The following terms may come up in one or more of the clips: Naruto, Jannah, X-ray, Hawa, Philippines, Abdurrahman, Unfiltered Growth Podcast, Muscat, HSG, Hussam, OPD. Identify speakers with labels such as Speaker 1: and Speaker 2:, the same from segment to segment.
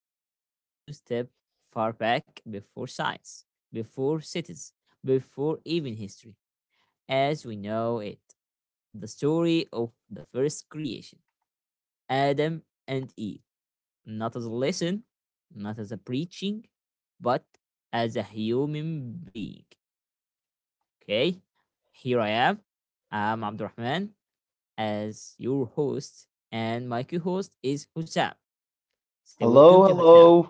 Speaker 1: I want us to step far back before science, before cities, before even history, as we know it. The story of the first creation, Adam and Eve, not as a lesson, not as a preaching, but as a human being. Okay, here I am. I'm Abdurrahman, as your host, and my co host is Hussam. Say welcome
Speaker 2: hello
Speaker 1: to Hussam.
Speaker 2: hello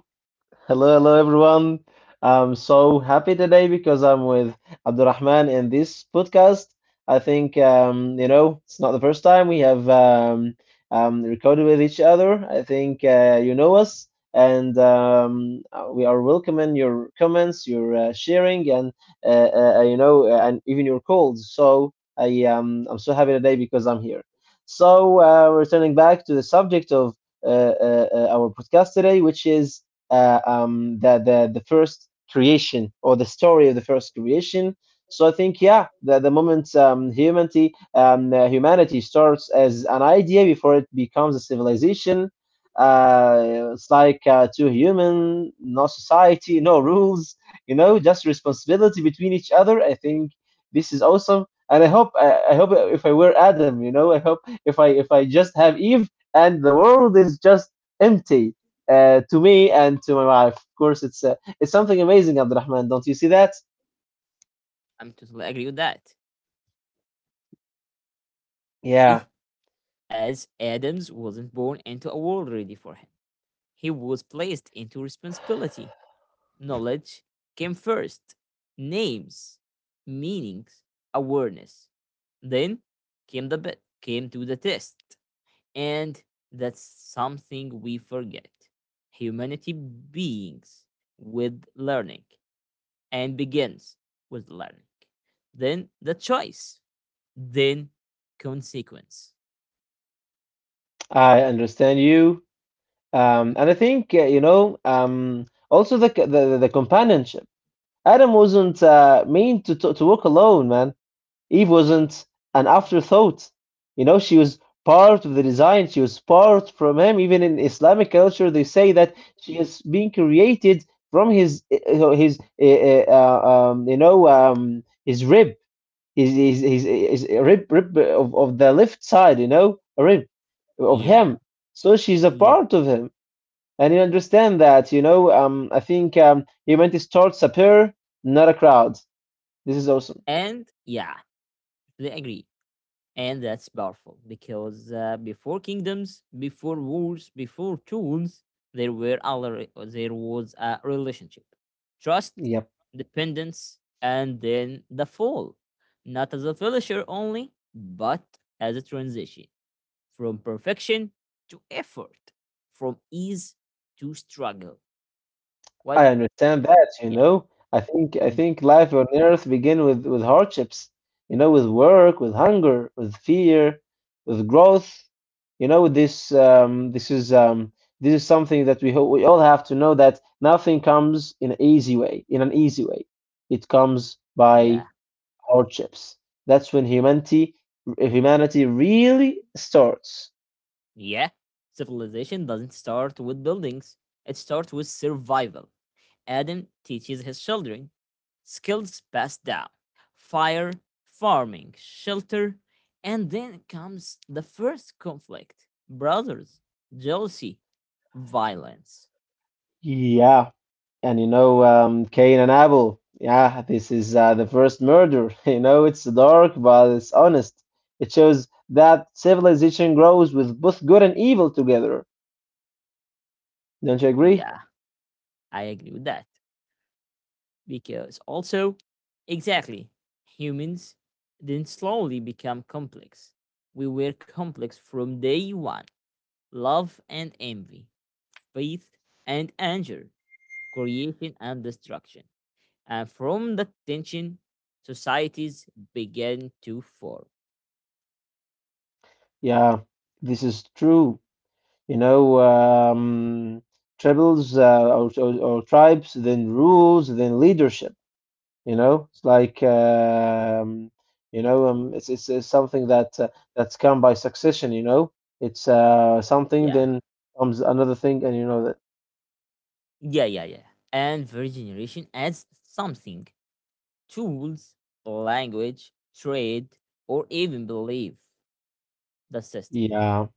Speaker 2: hello hello everyone. I'm so happy today because I'm with Abdurrahman in this podcast. I think it's not the first time we have recorded with each other. I think us, and we are welcoming your comments, your sharing, and and even your calls. So I'm so happy today because I'm here. So returning back to the subject of our podcast today, which is the first creation or the story of the first creation. So I think yeah, that the moment humanity starts as an idea before it becomes a civilization. It's like two human, no society, no rules, you know, just responsibility between each other. I think this is awesome, and I hope if I were Adam, you know, I hope if I just have Eve and the world is just empty to me and to my wife. Of course, it's something amazing, Abdurrahman. Don't you see that?
Speaker 1: I'm totally agree with that. Eh,
Speaker 2: Yeah,
Speaker 1: As Adams wasn't born into a world ready for him, he was placed into responsibility. Knowledge came first, names, meanings, awareness. Then came to the test, and that's something we forget. Humanity beings with learning. And begins with learning, then the choice, then consequence.
Speaker 2: I understand you.
Speaker 1: Mhm.
Speaker 2: And I think also the, c- the companionship. Adam wasn't mean to walk alone, man. Eve wasn't an afterthought. You know, she was part of the design. She was part from him. Even in Islamic culture, they say that she is being created from his you know his rib. He's a rib of the left side, you know, a rib of
Speaker 1: Yeah,
Speaker 2: him. So she's a
Speaker 1: yeah,
Speaker 2: part of him, and you understand that, you know. I think he meant to start a pair, not a crowd. This is awesome.
Speaker 1: and yeah, they agree. And that's powerful because before kingdoms, before wars, before tools, there was a relationship, trust,
Speaker 2: Yeah.
Speaker 1: dependence, and then the fall, not as a finisher only, but as a transition, from perfection to effort, from ease to struggle. What?
Speaker 2: I understand that, you
Speaker 1: Yeah.
Speaker 2: know. I think I
Speaker 1: Mm,
Speaker 2: think life on earth begin with hardships, you know, with work, with hunger, with fear, with growth. You know, this is something that we all have to know that nothing comes in an easy way, in an easy way. It comes
Speaker 1: yeah.
Speaker 2: by hardships. That's when humanity really starts.
Speaker 1: Yeah. Civilization doesn't start with buildings, it starts with survival. Adam teaches his children skills passed down: fire, farming, shelter. And then comes the first conflict: brothers, jealousy, violence.
Speaker 2: Yeah. And you know, Cain and Abel. Yeah, this is the first murder. You know, it's dark, but it's honest. It shows that civilization grows with both good and evil together. Don't you agree?
Speaker 1: Yeah, I agree with that, because also, exactly, humans then slowly become complex. We were complex from day one: love and envy, faith and anger, creation and destruction. And from that tension, societies began to form.
Speaker 2: Yeah, this is true. You know, tribals or tribes, then rules, then leadership. You know, it's like you know, it's something that that's come by succession. You know, it's something,
Speaker 1: Yeah.
Speaker 2: then comes another thing, and you know that.
Speaker 1: Yeah, yeah, yeah. And third generation adds something: tools, language, trade, or even belief, the system.
Speaker 2: Yeah,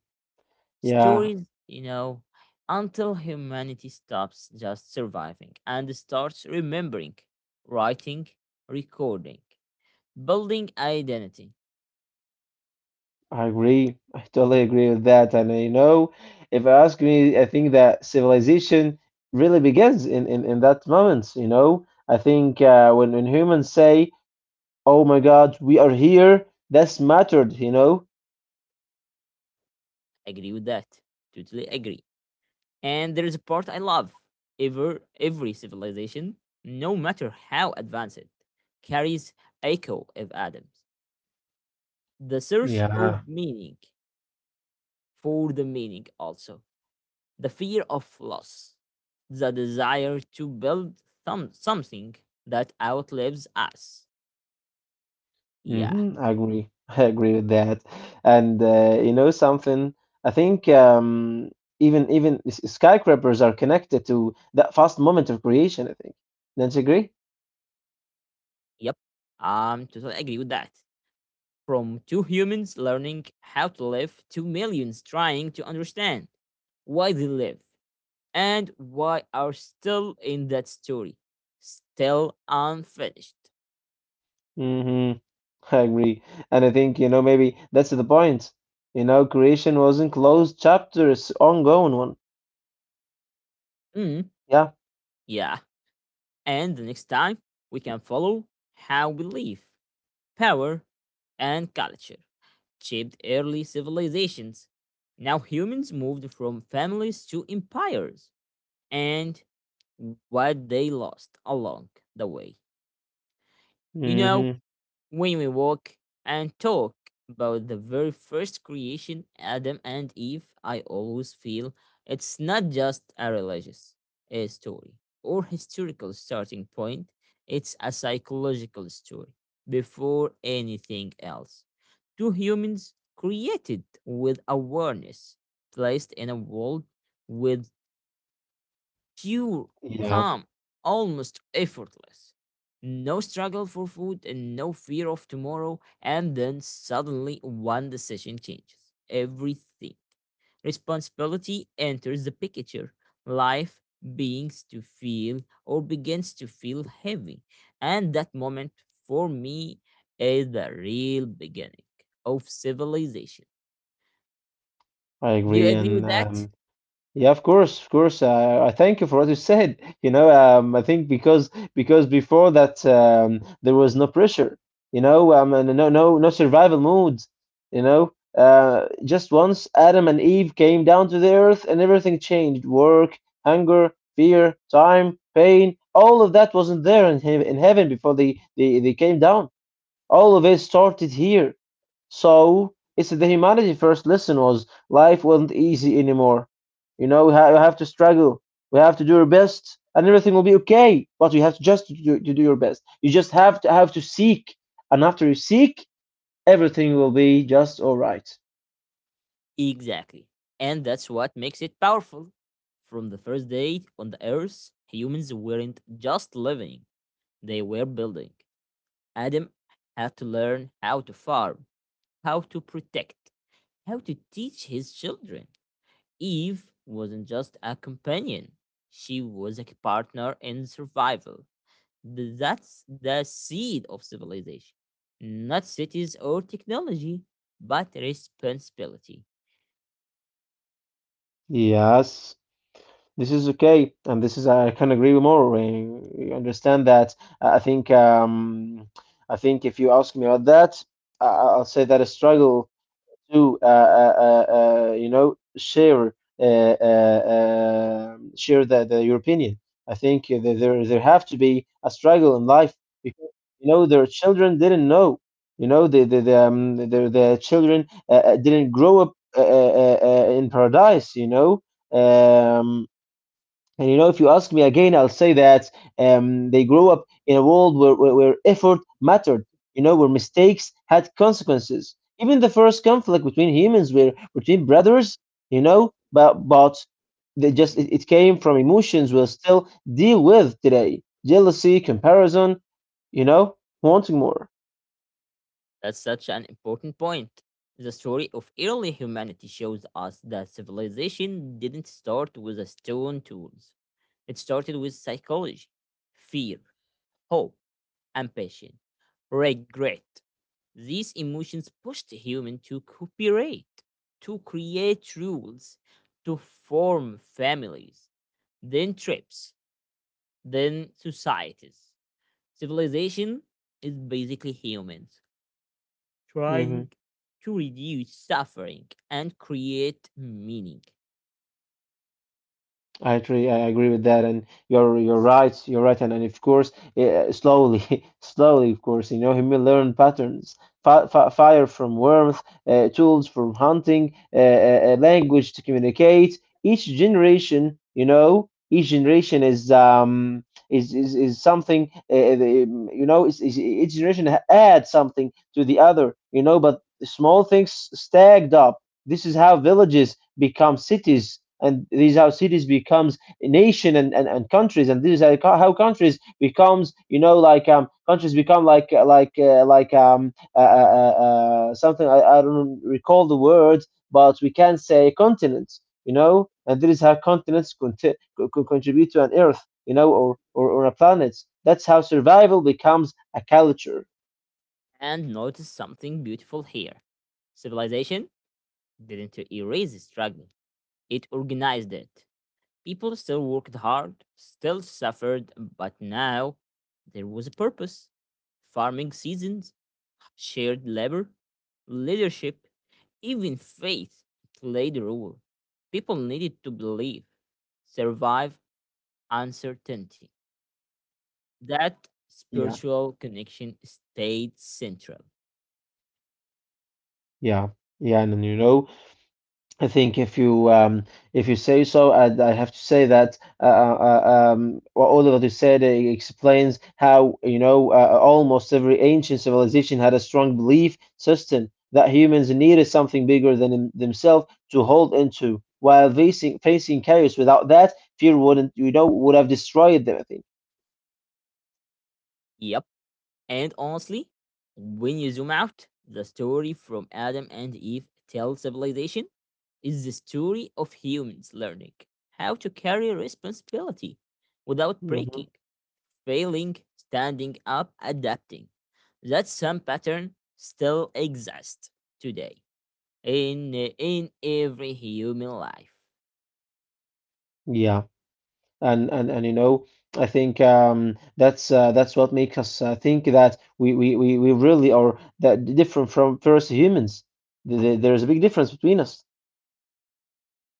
Speaker 2: yeah,
Speaker 1: stories, you know, until humanity stops just surviving and starts remembering, writing, recording, building identity.
Speaker 2: I agree. I totally agree with that. And if I ask me, I think that civilization really begins in in that moment. You know, I think when humans say, "Oh my God, we are here," that's mattered. You know.
Speaker 1: Agree with that. Totally agree. And there is a part I love. Every civilization, no matter how advanced, carries echo of Adams. The search
Speaker 2: Yeah.
Speaker 1: of meaning, for the meaning also, the fear of loss, the desire to build something that outlives us. Yeah,
Speaker 2: Mm-hmm, I agree. I agree with that. And you know something, I think even skyscrapers are connected to that fast moment of creation, I think. Don't you agree?
Speaker 1: yep. I'm totally agree with that. From two humans learning how to live to millions trying to understand why they live, and why are still in that story, still unfinished.
Speaker 2: Mm-hmm, I agree. And I think, you know, maybe that's the point. You know, creation wasn't closed chapter, it's ongoing one.
Speaker 1: Mm,
Speaker 2: Yeah.
Speaker 1: yeah, and the next time we can follow how we live, power, and culture shaped early civilizations. Now humans moved from families to empires, and what they lost along the way. You know,
Speaker 2: Mm-hmm.
Speaker 1: when we walk and talk about the very first creation, Adam and Eve, I always feel it's not just a religious story or historical starting point, it's a psychological story before anything else. Two humans created with awareness, placed in a world with pure,
Speaker 2: Yeah,
Speaker 1: calm, almost effortless. No struggle for food and no fear of tomorrow. And then suddenly one decision changes everything. Responsibility enters the picture. Life begins to feel begins to feel heavy. And that moment, for me, is the real beginning of civilization.
Speaker 2: I
Speaker 1: Do you
Speaker 2: agree.
Speaker 1: agree with
Speaker 2: And
Speaker 1: that?
Speaker 2: yeah, of course, of course. I thank you for what you said. You know, I think because before that there was no pressure. You know, and no survival mode. You know, just once Adam and Eve came down to the earth, and everything changed. Work, hunger, fear, time, pain. All of that wasn't there in heaven before they came down. All of it started here. So it's the humanity first lesson was life wasn't easy anymore. You know, we have to struggle. We have to do our best, and everything will be okay. But you have to just to do your best. You just have to seek, and after you seek, everything will be just all right.
Speaker 1: Exactly. And that's what makes it powerful. From the first day on the earth, humans weren't just living, they were building. Adam had to learn how to farm, how to protect, how to teach his children. Eve wasn't just a companion, she was a partner in survival. That's the seed of civilization. Not cities or technology, but responsibility.
Speaker 2: Yes, this is okay, and this is I can agree with more. I understand that. I I think um, I think if you ask me about that, I'll say that a struggle to share uh, share the your opinion. I think there have to be a struggle in life because you know their children didn't know. You know the children didn't grow up in paradise. You know. Um, and you know, if you ask me again, I'll say that they grew up in a world where effort mattered, you know, where mistakes had consequences. Even the first conflict between humans were between brothers, you know, but it came from emotions we'll still deal with today jealousy, comparison, you know, wanting more.
Speaker 1: That's such an important point. The story of early humanity shows us that civilization didn't start with a stone tools. It started with psychology, fear, hope, ambition, regret. These emotions pushed humans to cooperate, to create rules, to form families, then tribes, then societies. Civilization is basically humans trying to reduce suffering and create meaning.
Speaker 2: I agree. I agree with that, and you're right. You're right, and of course, slowly, slowly, of course, you know, he may learn patterns. Fi fi Fire from warmth, tools from hunting, language to communicate. Each generation, you know, each generation is something. You know, each adds something to the other. You know, but small things stacked up this is how villages become cities, and this is how cities becomes nation and countries, and this is how countries becomes you know like countries become like something I don't recall the word, but we can say continents, you know, and this is how continents conti- co- co- contribute to an earth, you know, or a planet. That's how survival becomes a culture.
Speaker 1: And notice something beautiful here. Civilization didn't erase struggle, it organized it. People still worked hard, still suffered, but now there was a purpose. Farming seasons, shared labor, leadership, even faith played a role. People needed to believe, survive uncertainty. That
Speaker 2: Yeah,
Speaker 1: spiritual connection stayed central.
Speaker 2: yeah, yeah, and then, you know I think if you say so, I have to say that well, all of what you said explains how you know almost every ancient civilization had a strong belief system that humans needed something bigger than themselves to hold into. While facing chaos without that, fear wouldn't you know would have destroyed them. I think.
Speaker 1: Yep. And honestly, when you zoom out, the story from Adam and Eve till civilization is the story of humans learning how to carry responsibility without
Speaker 2: Hmm.
Speaker 1: breaking, failing, standing up, adapting. That some pattern still exists today, in every human life.
Speaker 2: Yeah. And and you know I think that's what makes us think that we really are that different from first humans. There is a big difference between us.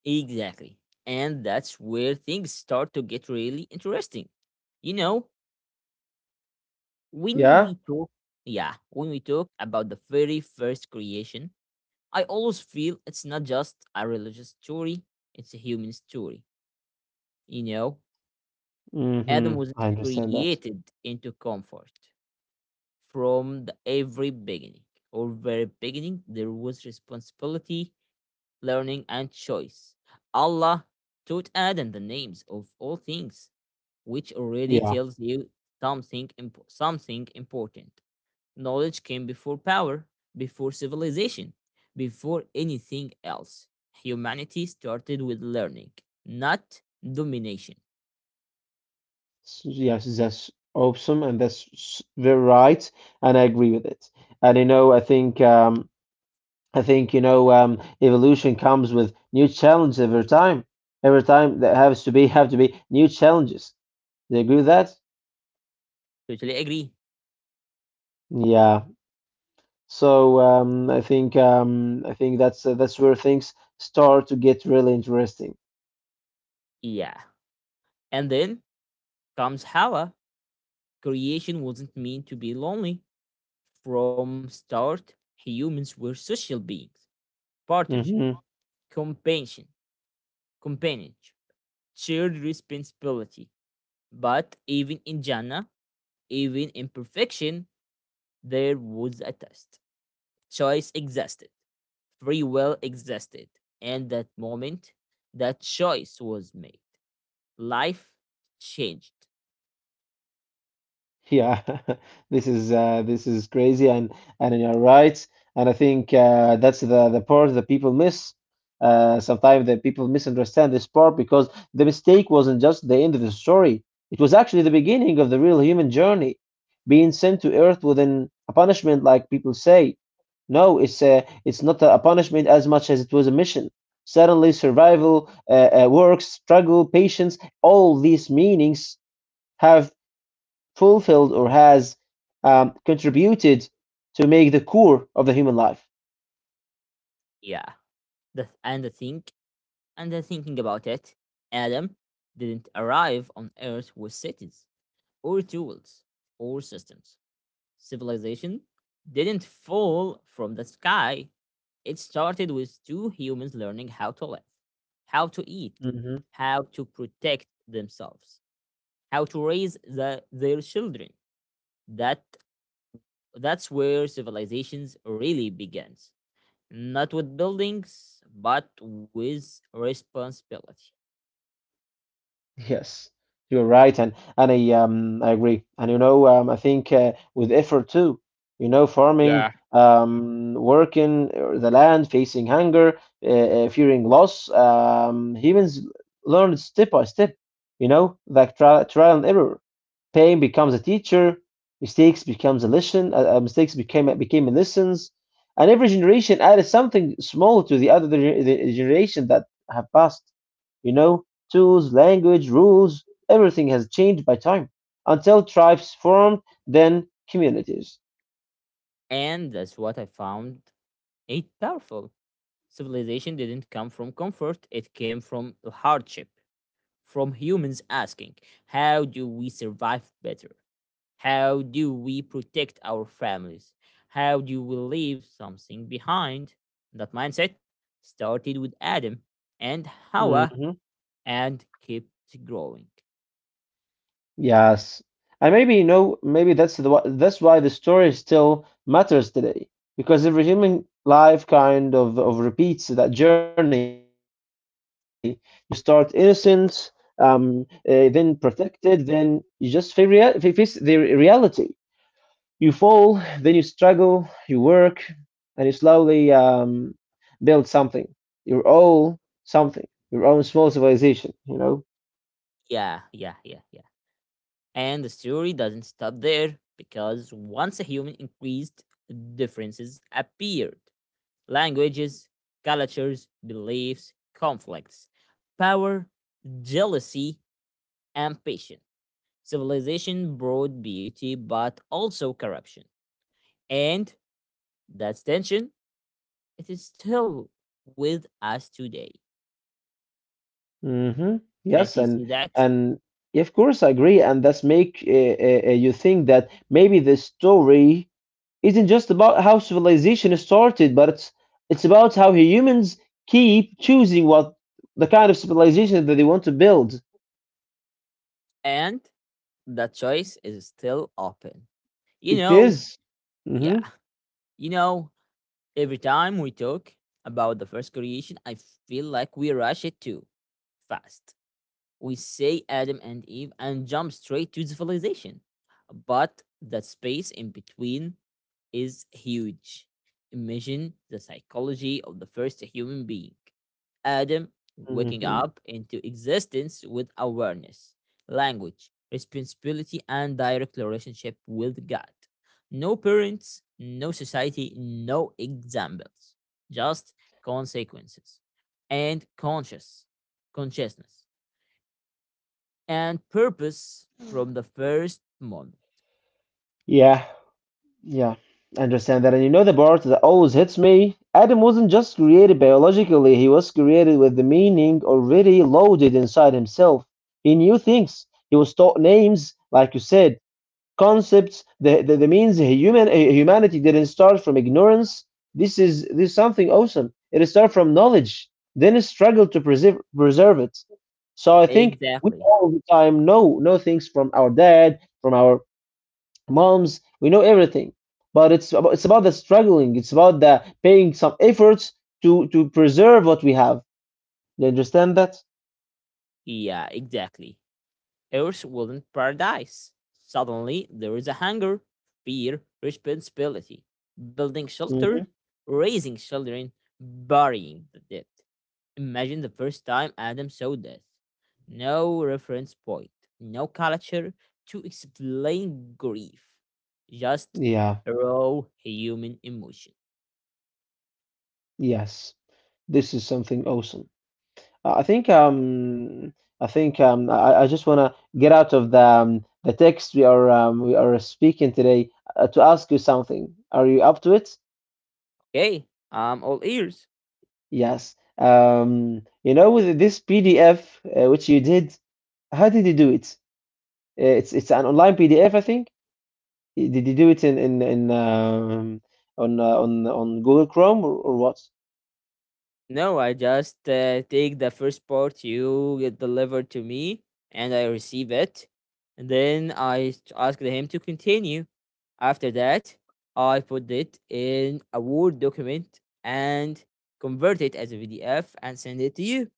Speaker 1: Exactly. And that's where things start to get really interesting. You know, when
Speaker 2: Yeah.
Speaker 1: we talk, yeah, when we talk about the very first creation, I always feel it's not just a religious story, it's a human story. You know, Adam
Speaker 2: Mm-hmm.
Speaker 1: was
Speaker 2: I understand that.
Speaker 1: created into comfort. From the every beginning, or very beginning, there was responsibility, learning, and choice. Allah taught Adam the names of all things, which already
Speaker 2: Yeah.
Speaker 1: tells you something something important. Knowledge came before power, before civilization, before anything else. Humanity started with learning, not domination.
Speaker 2: Yes, that's awesome, and very right, and I agree with it. And you know, I think you know evolution comes with new challenges every time. Every time there has to be have to be new challenges. Do you agree with that?
Speaker 1: Totally agree.
Speaker 2: Yeah. So I think that's where things start to get really interesting.
Speaker 1: Yeah. And then comes Hawa. Creation wasn't meant to be lonely. From start, humans were social beings. Partnership,
Speaker 2: Hmm.
Speaker 1: companionship, companionship, shared responsibility. But even in Jannah, even in perfection, there was a test. Choice existed, free will existed, and that moment, that choice was made. Life changed.
Speaker 2: Yeah, this is crazy, and you're right. And I think that's the part that people miss. Sometimes that people misunderstand this part because the mistake wasn't just the end of the story. It was actually the beginning of the real human journey, being sent to Earth within a punishment, like people say. No, it's not a punishment as much as it was a mission. Suddenly, survival, work, struggle, patience, all these meanings have fulfilled or has contributed to make the core of the human life.
Speaker 1: Yeah. The, and I think and the thinking about it, Adam didn't arrive on Earth with cities or tools or systems. Civilization didn't fall from the sky. It started with two humans learning how to live, how to eat,
Speaker 2: Mhm.
Speaker 1: how to protect themselves, how to raise their children. That that's where civilizations really begins. Not with buildings, but with responsibility.
Speaker 2: Yes, you're right, and I agree, and you know I think with effort too, you know farming,
Speaker 1: Yeah.
Speaker 2: working the land, facing hunger, fearing loss, humans learn step by step, you know like trial and error, pain becomes a teacher, mistakes becomes a lesson, mistakes became lessons, and every generation added something small to the other gener- the generation that have passed. You know, tools, language, rules, everything has changed by time until tribes formed, then communities.
Speaker 1: And that's what I found it powerful. Civilization didn't come from comfort, it came from hardship, from humans asking, "How do we survive better? How do we protect our families? How do we leave something behind?" That mindset started with Adam and Hawa,
Speaker 2: Mm-hmm.
Speaker 1: and kept growing.
Speaker 2: Yes, and maybe you know, maybe that's why the story still matters today, because every human life kind of repeats that journey. You start innocent, um, then protected, then you just face the reality. You fall, then you struggle, you work, and you slowly build your own something, your own small civilization, you know.
Speaker 1: Yeah, yeah, yeah, yeah. And the story doesn't stop there, because once a human increased, differences appeared: languages, cultures, beliefs, conflicts, power, jealousy, and patience. Civilization brought beauty, but also corruption. And that tension, it is still with us today.
Speaker 2: Mm-hmm. Yes,
Speaker 1: Can't you see that?
Speaker 2: and of course I agree, and that's make you think that maybe the story isn't just about how civilization started, but it's about how humans keep choosing what the kind of civilization that they want to build.
Speaker 1: And the choice is still open. You
Speaker 2: It
Speaker 1: know,
Speaker 2: is. Mm-hmm.
Speaker 1: yeah, you know, every time we talk about the first creation, I feel like we rush it too fast. We say Adam and Eve and jump straight to civilization. But that space in between is huge. Imagine the psychology of the first human being, Adam, waking
Speaker 2: Mm-hmm.
Speaker 1: up into existence with awareness, language, responsibility, and direct relationship with God. No parents, no society, no examples, just consequences and consciousness and purpose from the first moment.
Speaker 2: Yeah. Yeah, I understand that. And you know the part that always hits me? Adam wasn't just created biologically, he was created with the meaning already loaded inside himself. He knew things. He was taught names, like you said, concepts. The means human humanity didn't start from ignorance. This is something awesome. It started from knowledge, then it struggled to preserve it. So I think we
Speaker 1: Exactly.
Speaker 2: all the time know things from our dad, from our moms, we know everything, but it's about the struggling. It's about the paying some efforts to preserve what we have. You understand that?
Speaker 1: Yeah, exactly. Earth's wooden paradise. Suddenly, there is a hunger, fear, responsibility, building shelter,
Speaker 2: hmm
Speaker 1: raising children, burying the dead. Imagine the first time Adam saw death. No reference point, no culture to explain grief, just
Speaker 2: Yeah.
Speaker 1: raw human emotion.
Speaker 2: Yes. This is something awesome. I think I think I just wanna get out of the text we are speaking today to ask you something. Are you up to it?
Speaker 1: Okay, I'm all ears.
Speaker 2: Yes. You know, with this PDF which you did, how did you do it? It's an online PDF, I think. Did you do it in on Google Chrome, or what?
Speaker 1: No, I just take the first part you get delivered to me and I receive it. And then I asked him to continue. After that, I put it in a Word document, and convert it as a PDF and send it to you.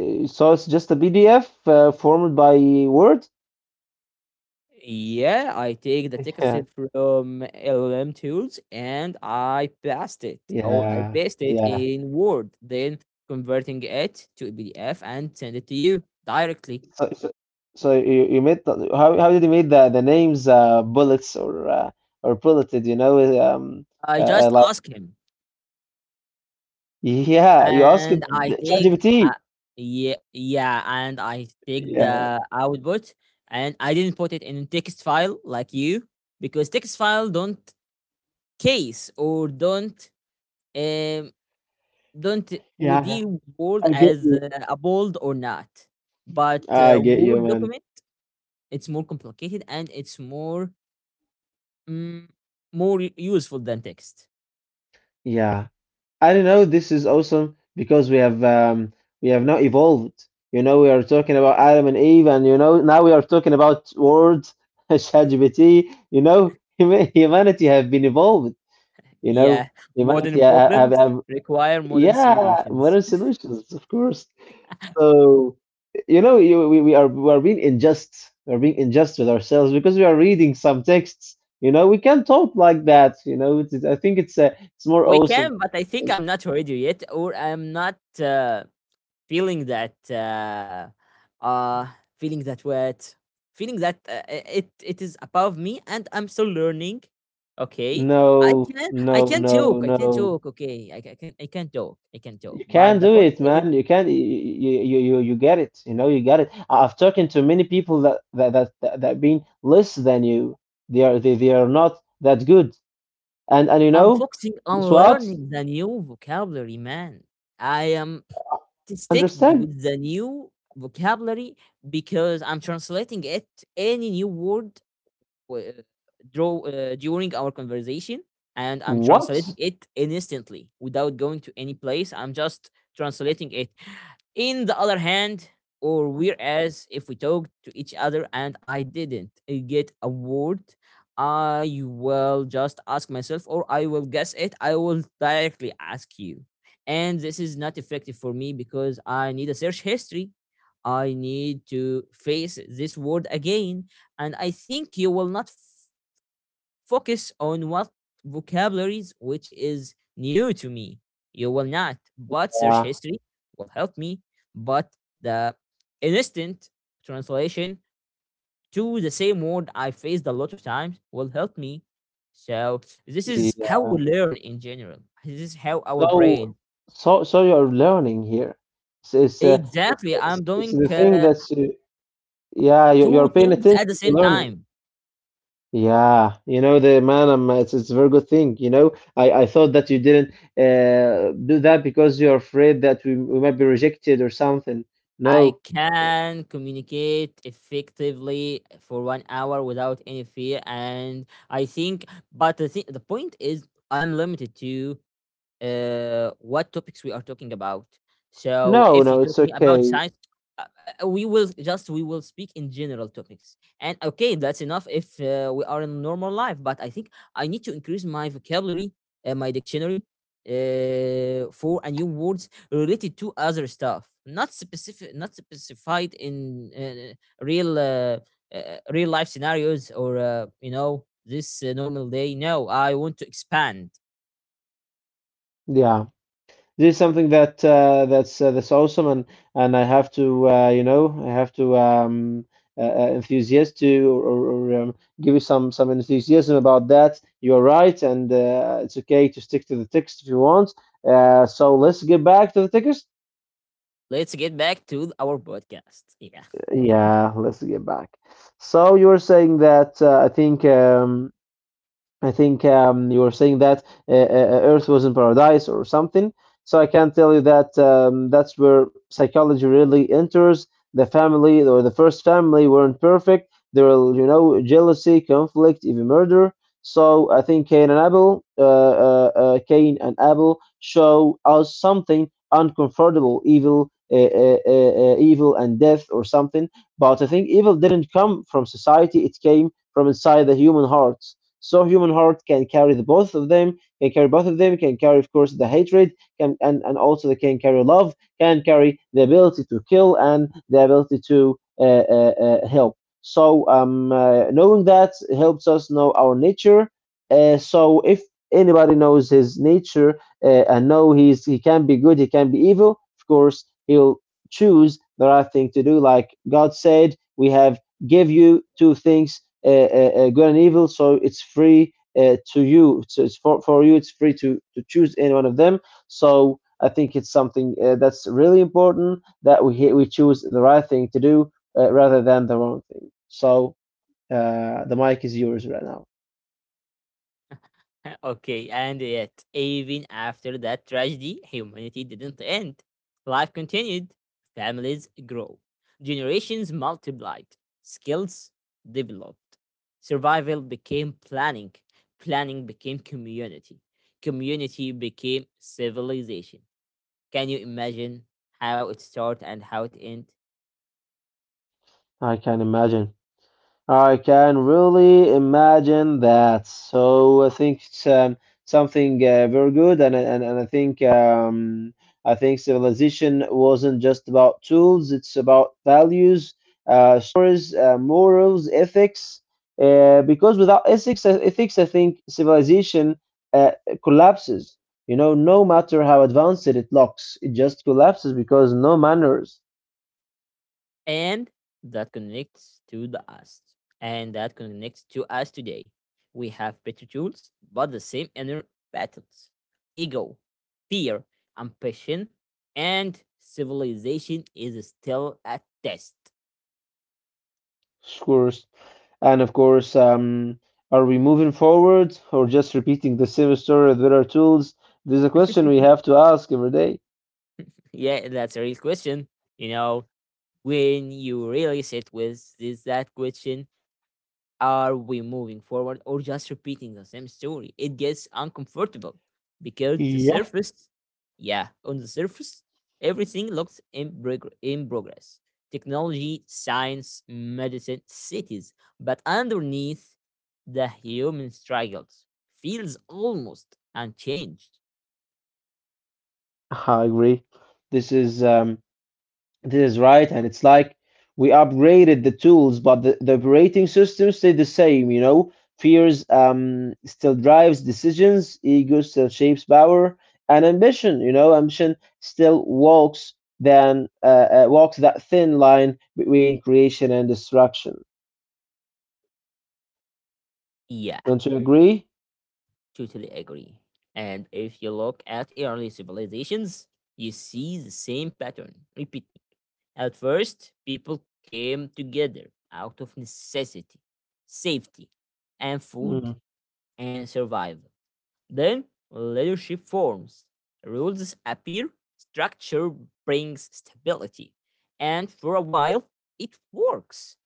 Speaker 2: So it's just a PDF formed by Word.
Speaker 1: Yeah, I take the text
Speaker 2: Yeah,
Speaker 1: from LLM tools and I
Speaker 2: yeah,
Speaker 1: paste it
Speaker 2: yeah.
Speaker 1: in Word, then converting it to a PDF and send it to you directly.
Speaker 2: So so, so you made the, how did you make the names bullets or bulleted?
Speaker 1: I
Speaker 2: Uh, uh,
Speaker 1: just
Speaker 2: like
Speaker 1: ask him,
Speaker 2: yeah, you asked it
Speaker 1: and I
Speaker 2: the
Speaker 1: take
Speaker 2: ChatGPT.
Speaker 1: uh, yeah, yeah, and I take
Speaker 2: Yeah,
Speaker 1: the output, and I didn't put it in text file like you because text file don't case or um don't
Speaker 2: yeah,
Speaker 1: would
Speaker 2: yeah.
Speaker 1: deal with word
Speaker 2: I get
Speaker 1: as
Speaker 2: you.
Speaker 1: a bold or not, but
Speaker 2: I get you,
Speaker 1: Word
Speaker 2: man.
Speaker 1: document, it's more complicated and it's more mm, more useful than text.
Speaker 2: Yeah. I don't know. This is awesome because we have now evolved. You know, we are talking about Adam and Eve, and you know now we are talking about words, ChatGPT. You know, humanity have been evolved. You know,
Speaker 1: Yeah,
Speaker 2: humanity
Speaker 1: modern
Speaker 2: ha- have
Speaker 1: problems
Speaker 2: have
Speaker 1: require modern
Speaker 2: yeah,
Speaker 1: solutions.
Speaker 2: modern solutions, of course. So you know, you, we are being unjust. We are being unjust with ourselves because we are reading some texts. You know, we can't talk like that. You know, I think it's more
Speaker 1: We
Speaker 2: awesome.
Speaker 1: can, but I think I'm not ready yet, or I'm not uh, feeling that uh, feeling that wet, feeling that it is above me, and I'm still learning. Okay,
Speaker 2: No, no,
Speaker 1: I can
Speaker 2: no,
Speaker 1: talk, I can
Speaker 2: no.
Speaker 1: talk. Okay, I can talk, I can talk.
Speaker 2: You
Speaker 1: But
Speaker 2: can
Speaker 1: the
Speaker 2: do
Speaker 1: point
Speaker 2: it,
Speaker 1: is,
Speaker 2: man. You can. You get it. You know, you get it. I've talked to many people that that been less than you. They are they are not that good. And you
Speaker 1: I'm
Speaker 2: know,
Speaker 1: focusing on
Speaker 2: it's what?
Speaker 1: learning the new vocabulary, man. I am stick
Speaker 2: Understand
Speaker 1: with the new vocabulary because I'm translating it, any new word w- uh, draw during our conversation, and I'm
Speaker 2: what?
Speaker 1: translating it instantly without going to any place. I'm just translating it in the other hand, or whereas if we talk to each other and I didn't get a word, I will just ask myself, or I will guess it, I will directly ask you, and this is not effective for me because I need a search history. I need to face this word again, and I think you will not focus on what vocabularies which is new to me. You will not, but search
Speaker 2: Uh,
Speaker 1: history will help me. But the instant translation to the same word I faced a lot of times will help me. So this is how
Speaker 2: yeah.
Speaker 1: we learn in general. This is how our
Speaker 2: So
Speaker 1: brain.
Speaker 2: so so you're learning here. It's it's, uh,
Speaker 1: Exactly,
Speaker 2: it's,
Speaker 1: I'm
Speaker 2: it's
Speaker 1: doing
Speaker 2: the thing that's yeah. You're
Speaker 1: two
Speaker 2: paying
Speaker 1: things at
Speaker 2: attention
Speaker 1: the
Speaker 2: to
Speaker 1: same
Speaker 2: learning.
Speaker 1: time.
Speaker 2: Yeah, you know the man, it's a very good thing. You know, I thought that you didn't do that because you're afraid that we might be rejected or something. No,
Speaker 1: I can communicate effectively for 1 hour without any fear, and I think. But the thing, the point is, I'm limited to what topics we are talking about. So
Speaker 2: no,
Speaker 1: if you
Speaker 2: no,
Speaker 1: talk
Speaker 2: it's
Speaker 1: me about
Speaker 2: okay.
Speaker 1: science, uh, we will speak in general topics, and okay, that's enough if we are in normal life. But I think I need to increase my vocabulary, my dictionary, for a new words related to other stuff, not specific, not specified in real real life scenarios or you know this normal day. No, I want to expand.
Speaker 2: Yeah, this is something that's awesome, and I have to you know I have to enthusiast to or give you some enthusiasm about that. You're right, and it's okay to stick to the text if you want. So let's get back to the text.
Speaker 1: Let's get back to our podcast. Yeah.
Speaker 2: Yeah, let's get back. So you were saying that I think you were saying that Earth was in paradise or something. So I can tell you that that's where psychology really enters. The family or the first family weren't perfect. There were, you know, jealousy, conflict, even murder. So I think Cain and Abel show us something uncomfortable, evil, evil and death or something. But I think evil didn't come from society; it came from inside the human heart. So human heart can carry the both of them, can carry both of them, can carry, of course, the hatred, can, and also they can carry love, can carry the ability to kill and the ability to help. So knowing that helps us know our nature. So if anybody knows his nature and know he's he can be good, he can be evil. Of course, he'll choose the right thing to do. Like God said, we have give you two things good and evil. So it's free to you. So it's for you. It's free to choose any one of them. So I think it's something that's really important that we choose the right thing to do rather than the wrong thing. So the mic is yours right now.
Speaker 1: Okay, and yet, even after that tragedy, humanity didn't end. Life continued, families grow, generations multiplied, skills developed. Survival became planning, planning became community, community became civilization. Can you imagine how it started and how it ended?
Speaker 2: I can imagine. I can really imagine that. So I think it's something very good, and I think civilization wasn't just about tools; it's about values, stories, morals, ethics. Because without ethics, ethics, I think civilization uh, collapses. You know, no matter how advanced it looks, it just collapses because no manners,
Speaker 1: And that connects to the us. And that connects to us today. We have better tools, but the same inner battles ego, fear, ambition, and civilization is still at test.
Speaker 2: of course. And of course, are we moving forward or just repeating the same story with better tools? This is a question we have to ask every day.
Speaker 1: Yeah, that's a real question. You know, when you really sit with this, that question, are we moving forward or just repeating the same story? It gets uncomfortable because the surface, yeah, on the surface, everything looks in, in progress technology, science, medicine, cities. But underneath, the human struggles feels almost unchanged.
Speaker 2: I agree. This is um, this is right, and it's like we upgraded the tools, but the operating system stayed the same. You know, fears still drives decisions, ego still shapes power, and ambition. You know, ambition still walks then walks that thin line between creation and destruction.
Speaker 1: Yeah,
Speaker 2: Don't you agree?
Speaker 1: totally agree. And if you look at early civilizations, you see the same pattern repeating. At first, people came together out of necessity, safety, and food
Speaker 2: Mm,
Speaker 1: and survival. Then, leadership forms, rules appear, structure brings stability, and for a while, it works.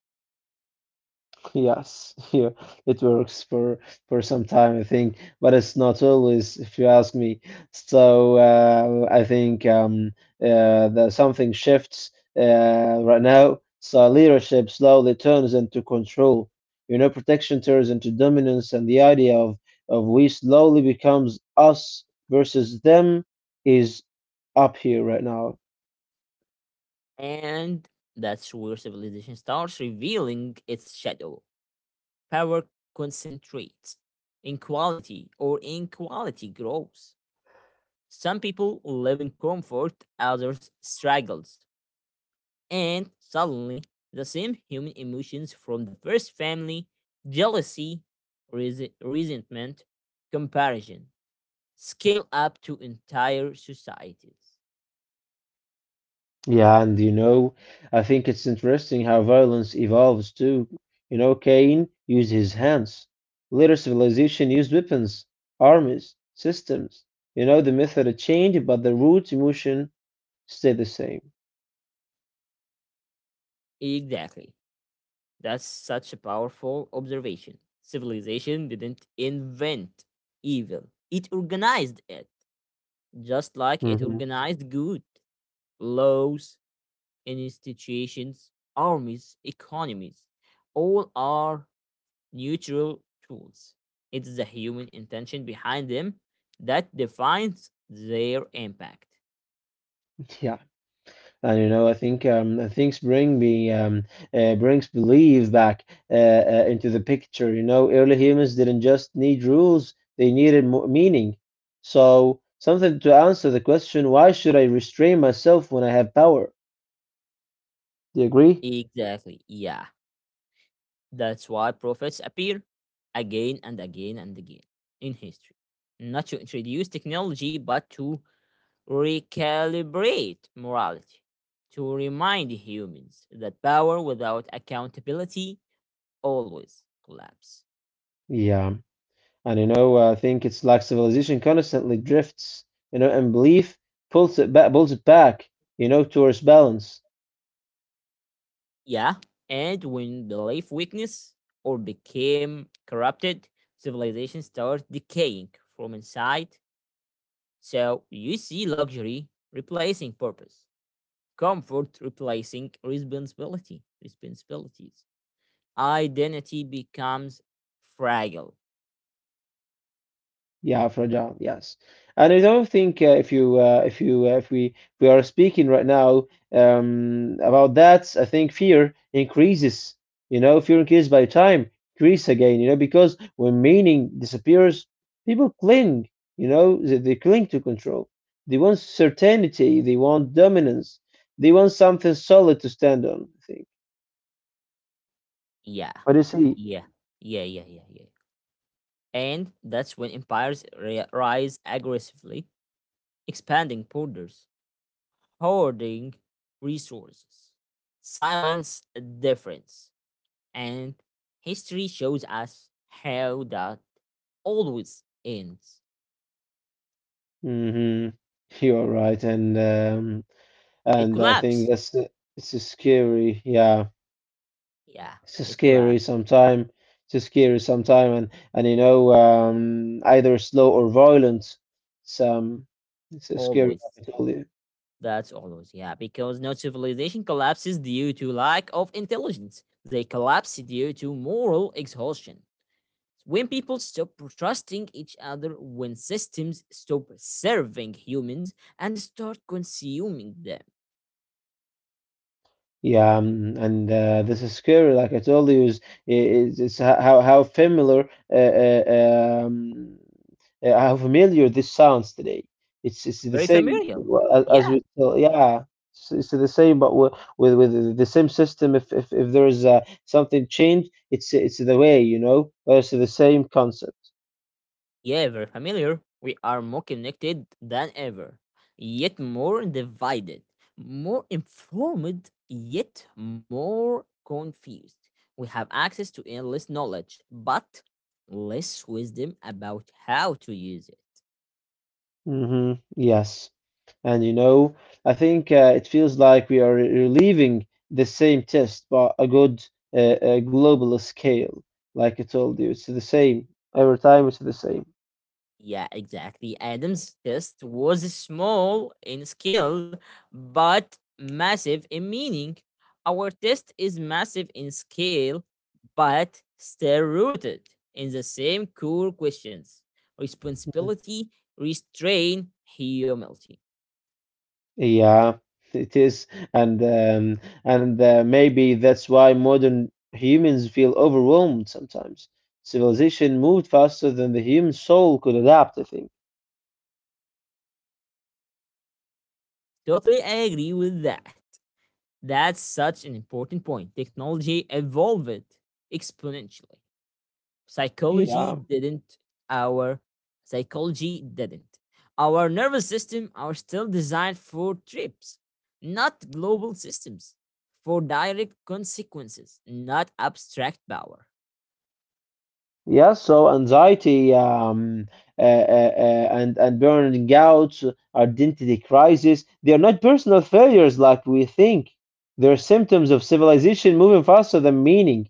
Speaker 2: yes, yeah, it works for some time, I think, but it's not always, if you ask me. So I think that something shifts right now. So leadership slowly turns into control. You know, protection turns into dominance, and the idea of we slowly becomes us versus them is up here right now.
Speaker 1: And that's where civilization starts revealing its shadow. Power concentrates, inequality or inequality grows. Some people live in comfort, others struggles. And suddenly, the same human emotions from the first family jealousy, resentment, comparison scale up to entire societies.
Speaker 2: Yeah, and you know, I think it's interesting how violence evolves too. You know, Cain used his hands. Later civilization used weapons, armies, systems. You know, the method changed, but the root emotion stayed the same.
Speaker 1: Exactly. That's such a powerful observation. Civilization didn't invent evil, it organized it, just like it
Speaker 2: hmm
Speaker 1: organized good, laws, institutions, armies, economies, all are neutral tools. It's the human intention behind them that defines their impact.
Speaker 2: Yeah. And you know, I think things bring me, brings belief back into the picture. You know, early humans didn't just need rules; they needed mo meaning. So, something to answer the question, why should I restrain myself when I have power? Do you agree?
Speaker 1: Exactly. Yeah. That's why prophets appear again and again and again in history. Not to introduce technology, but to recalibrate morality, to remind humans that power without accountability always collapse.
Speaker 2: Yeah. And you know, I think it's like civilization constantly drifts, you know, and belief pulls it back, you know, towards balance.
Speaker 1: Yeah, and when belief weakness or became corrupted, civilization starts decaying from inside. So you see luxury replacing purpose, comfort replacing responsibility, responsibilities. Identity becomes fragile.
Speaker 2: Yeah, fragile. Yes, and I don't think if you if we we are speaking right now about that, I think fear increases. You know, fear increases by time, increase again. You know, because when meaning disappears, people cling. You know, they cling to control. They want certainty. They want dominance. They want something solid to stand on. I think.
Speaker 1: Yeah,
Speaker 2: What do you see?
Speaker 1: yeah, yeah, yeah, yeah, yeah. And that's when empires rise aggressively, expanding borders hoarding resources. Silence difference. And history shows us how that always ends.
Speaker 2: Mm-hmm. You're right, and.
Speaker 1: It
Speaker 2: And I think
Speaker 1: collapses.
Speaker 2: it's a scary, yeah,
Speaker 1: Yeah,
Speaker 2: it's a
Speaker 1: it
Speaker 2: scary
Speaker 1: collapses.
Speaker 2: sometime, it's a scary sometime, and you know, either slow or violent, some it's a scary.
Speaker 1: Always.
Speaker 2: I told you.
Speaker 1: That's always, yeah. Because no civilization collapses due to lack of intelligence. They collapse due to moral exhaustion. When people stop trusting each other, when systems stop serving humans and start consuming them.
Speaker 2: Yeah, and this is scary. Like I told you, is ho- how familiar this sounds today. It's the
Speaker 1: Very
Speaker 2: same
Speaker 1: familial.
Speaker 2: as
Speaker 1: Yeah,
Speaker 2: we tell. Yeah, it's the same, but with the same system. If there is something changed, it's the way you know. But it's the same concept.
Speaker 1: yeah, very familiar. We are more connected than ever, yet more divided, more informed, yet more confused. We have access to endless knowledge, but less wisdom about how to use it.
Speaker 2: Mm-hmm. Yes. And you know, I think it feels like we are reliving the same test, but a good global scale. Like I told you, it's the same every time. It's the same.
Speaker 1: Yeah, exactly. Adam's test was small in scale, but massive in meaning. Our test is massive in scale, but still rooted in the same core questions
Speaker 2: Mhm.
Speaker 1: responsibility, restraint, humility.
Speaker 2: Yeah, it is, and maybe that's why modern humans feel overwhelmed sometimes. Civilization moved faster than the human soul could adapt. I think.
Speaker 1: Totally agree with that. That's such an important point. Technology evolved exponentially. Psychology
Speaker 2: Yeah.
Speaker 1: didn't. Our psychology didn't. Our nervous system are still designed for trips, not global systems, for direct consequences, not abstract power.
Speaker 2: Yes, so anxiety and burning out, identity crisis, they are not personal failures like we think. They're symptoms of civilization moving faster than meaning.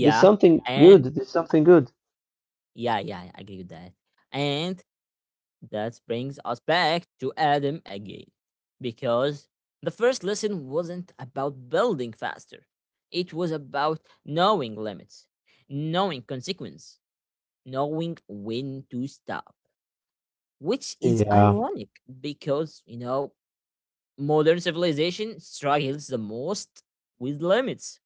Speaker 2: There's something good.
Speaker 1: and
Speaker 2: There's something good.
Speaker 1: yeah, yeah, I agree with that. And that brings us back to Adam again, because the first lesson wasn't about building faster. It was about knowing limits, knowing consequence, knowing when to stop, which is
Speaker 2: Yeah,
Speaker 1: ironic because, you know, modern civilization struggles the most with limits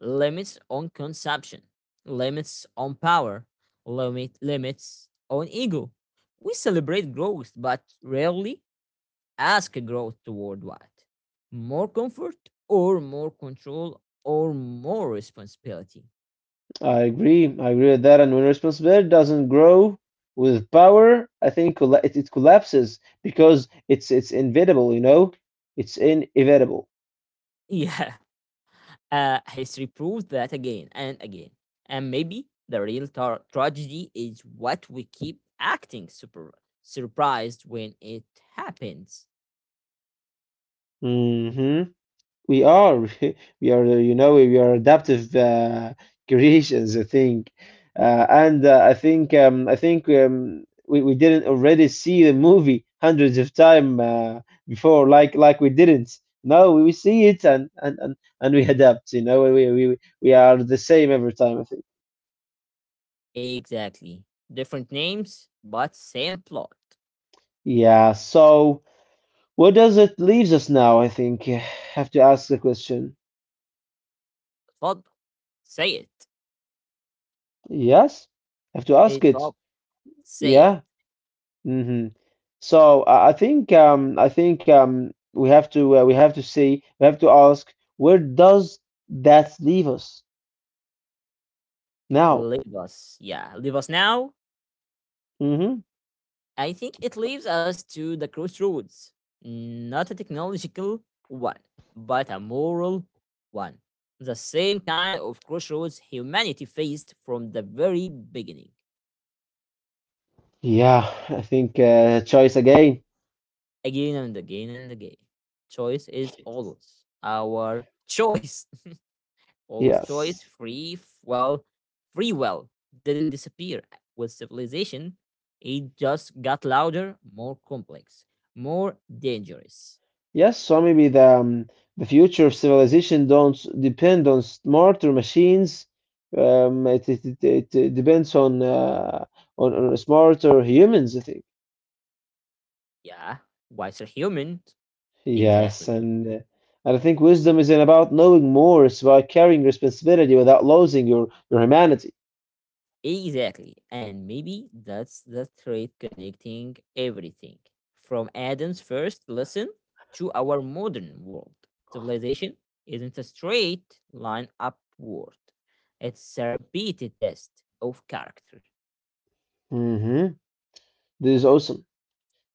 Speaker 1: limits on consumption, limits on power, limit, limits on ego. We celebrate growth, but rarely ask growth toward what? More comfort or more control or more responsibility?
Speaker 2: I agree. I agree with that. And when responsibility doesn't grow with power, I think it collapses because it's inevitable. You know, it's inevitable.
Speaker 1: Yeah, history proves that again and again. And maybe the real tragedy is what we keep acting super surprised when it happens.
Speaker 2: hmm We are, we are, you know, we are adaptive creations, I think, and I think we didn't already see the movie hundreds of time before, like we didn't. No, we see it and and we adapt. You know, we we are the same every time, I think.
Speaker 1: Exactly. Different names, but same plot.
Speaker 2: Yeah. So, what does it leaves us now? I think have to ask the question.
Speaker 1: Fab, say it.
Speaker 2: Yes, have to ask
Speaker 1: It
Speaker 2: it.
Speaker 1: Fab, say it.
Speaker 2: Yeah. hmm So I think we have to see we have to ask where does that leave us now?
Speaker 1: Leave us. Yeah, leave us now.
Speaker 2: hmm
Speaker 1: I think it leaves us to the crossroads, not a technological one, but a moral one. The same kind of crossroads humanity faced from the very beginning,
Speaker 2: Yeah, I think choice again.
Speaker 1: again and again and again. Choice is always our choice. Always choice,
Speaker 2: Yes,
Speaker 1: free, well, free will didn't disappear with civilization. It just got louder, more complex, more dangerous.
Speaker 2: yes. So maybe the future of civilization don't depend on smarter machines. It depends on, on smarter humans, I think.
Speaker 1: Yeah wiser humans.
Speaker 2: Yes,
Speaker 1: Exactly.
Speaker 2: and I think wisdom isn't about knowing more, it's about carrying responsibility without losing your humanity.
Speaker 1: Exactly. And maybe that's the thread connecting everything from Adam's first lesson to our modern world. Civilization isn't a straight line upward, it's a repeated test of character.
Speaker 2: hmm This is awesome.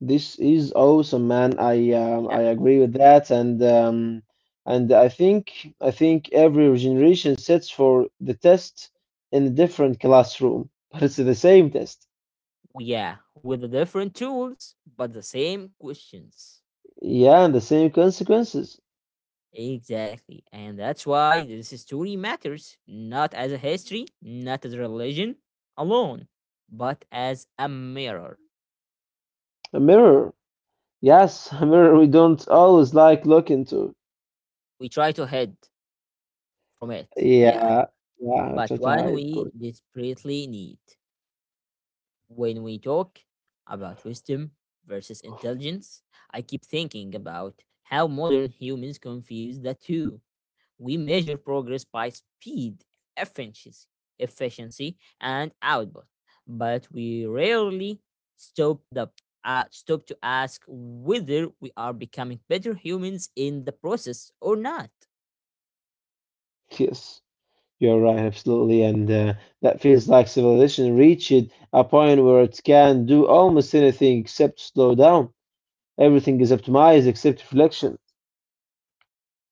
Speaker 2: This is awesome, man.
Speaker 1: Yeah.
Speaker 2: I agree with that, and I think every generation sits for the test in a different classroom, but it's the same test.
Speaker 1: Yeah. With the different tools, but the same questions.
Speaker 2: Yeah, and the same consequences.
Speaker 1: Exactly. And that's why this story matters, not as a history, not as a religion alone, but as a mirror.
Speaker 2: A mirror. Yes, a mirror we don't always like look into.
Speaker 1: We try to hide from it, yeah,
Speaker 2: Yeah, yeah,
Speaker 1: but
Speaker 2: try to
Speaker 1: one
Speaker 2: hide, of
Speaker 1: we
Speaker 2: course.
Speaker 1: desperately need. When we talk about wisdom versus intelligence, I keep thinking about how modern humans confuse the two. We measure progress by speed, efficiency, efficiency and output, but we rarely stop the stop to ask whether we are becoming better humans in the process or not.
Speaker 2: Yes, you're right, absolutely. And that feels like civilization reached a point where it can do almost anything except slow down. Everything is optimized except reflection.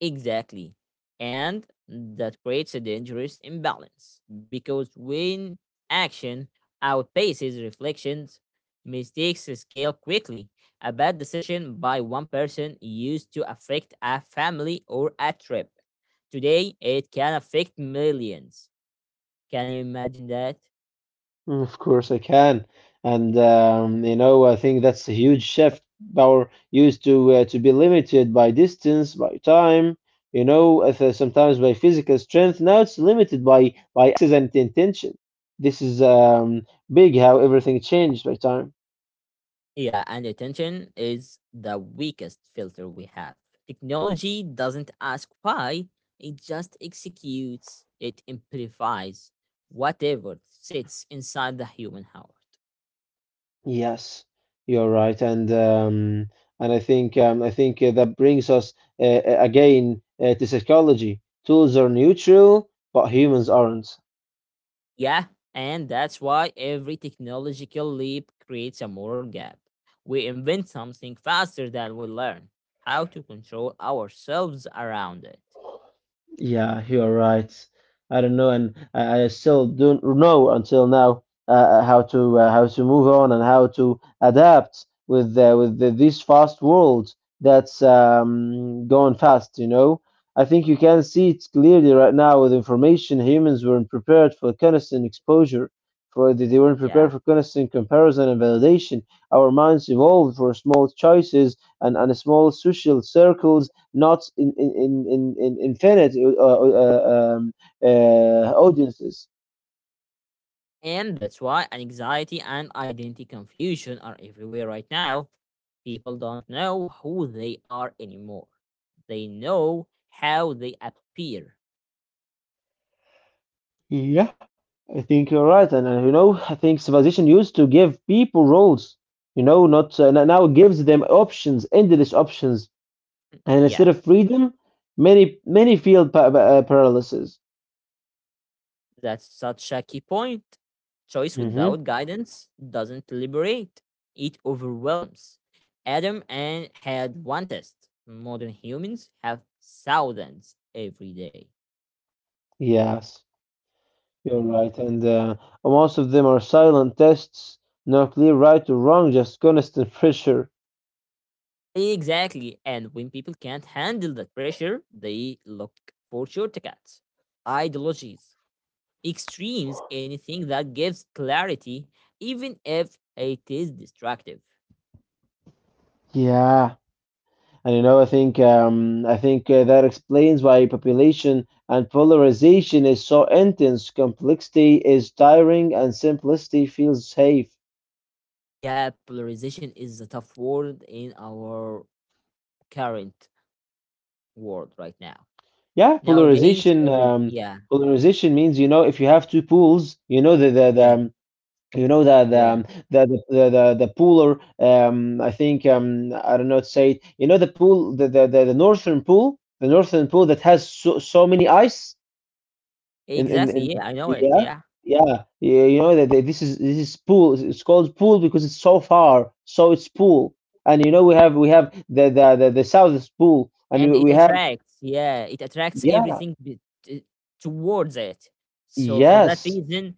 Speaker 1: Exactly. And that creates a dangerous imbalance because when action outpaces reflections, mistakes scale quickly. A bad decision by one person used to affect a family or a trip. Today, it can affect millions. Can you imagine that?
Speaker 2: Mm, of course, I can. And you know, I think that's a huge shift. Power used to be limited by distance, by time, you know, if, sometimes by physical strength. Now it's limited by access and intention. This is big how everything changed by time.
Speaker 1: Yeah, and attention is the weakest filter we have. Technology doesn't ask why, it just executes, it amplifies whatever sits inside the human heart.
Speaker 2: Yes, you're right, and I think that brings us again to psychology. Tools are neutral, but humans aren't.
Speaker 1: Yeah, and that's why every technological leap creates a moral gap. We invent something faster than we learn how to control ourselves around it.
Speaker 2: Yeah, you're right. I don't know, and I still don't know until now how to move on and how to adapt with this fast world that's going fast. You know, I think you can see it clearly right now with information. Humans weren't prepared for constant exposure, for they weren't prepared
Speaker 1: Yeah,
Speaker 2: for constant comparison and validation. Our minds evolved for small choices and small social circles, not infinite audiences.
Speaker 1: and that's why anxiety and identity confusion are everywhere right now. People don't know who they are anymore, they know how they appear.
Speaker 2: Yeah, I think you're right, and you know, I think civilization used to give people roles, you know, not now it gives them options, endless options, and
Speaker 1: Yeah.
Speaker 2: instead of freedom, many feel paralysis.
Speaker 1: That's such a key point. Choice without
Speaker 2: hmm
Speaker 1: guidance doesn't liberate, it overwhelms. Adam and had one test. Modern humans have thousands every day.
Speaker 2: Yes, you're right, and most of them are silent tests, no clear right or wrong, just constant pressure.
Speaker 1: Exactly. And when people can't handle that pressure, they look for shortcuts, ideologies, extremes, anything that gives clarity, even if it is destructive.
Speaker 2: Yeah. And you know, I think that explains why population and polarization is so intense. Complexity is tiring, and simplicity feels safe.
Speaker 1: Yeah, polarization is a tough word in our current world right now.
Speaker 2: Yeah,
Speaker 1: Nowadays,
Speaker 2: polarization.
Speaker 1: every yeah,
Speaker 2: Polarization means, you know, if you have two pools, you know the
Speaker 1: yeah,
Speaker 2: you know
Speaker 1: yeah,
Speaker 2: pooler. I think I don't know how to say it. You know the pool, the northern pool, the northern pool that has so many ice.
Speaker 1: exactly. Yeah,
Speaker 2: In
Speaker 1: I know it.
Speaker 2: Yeah,
Speaker 1: Yeah,
Speaker 2: yeah, you know that this is pool, it's called pool because it's so far, so it's pool. And you know we have the south is pool, and
Speaker 1: and it
Speaker 2: we have
Speaker 1: attracts. Yeah, it attracts
Speaker 2: yeah.
Speaker 1: everything towards it. So for that
Speaker 2: Yes,
Speaker 1: reason,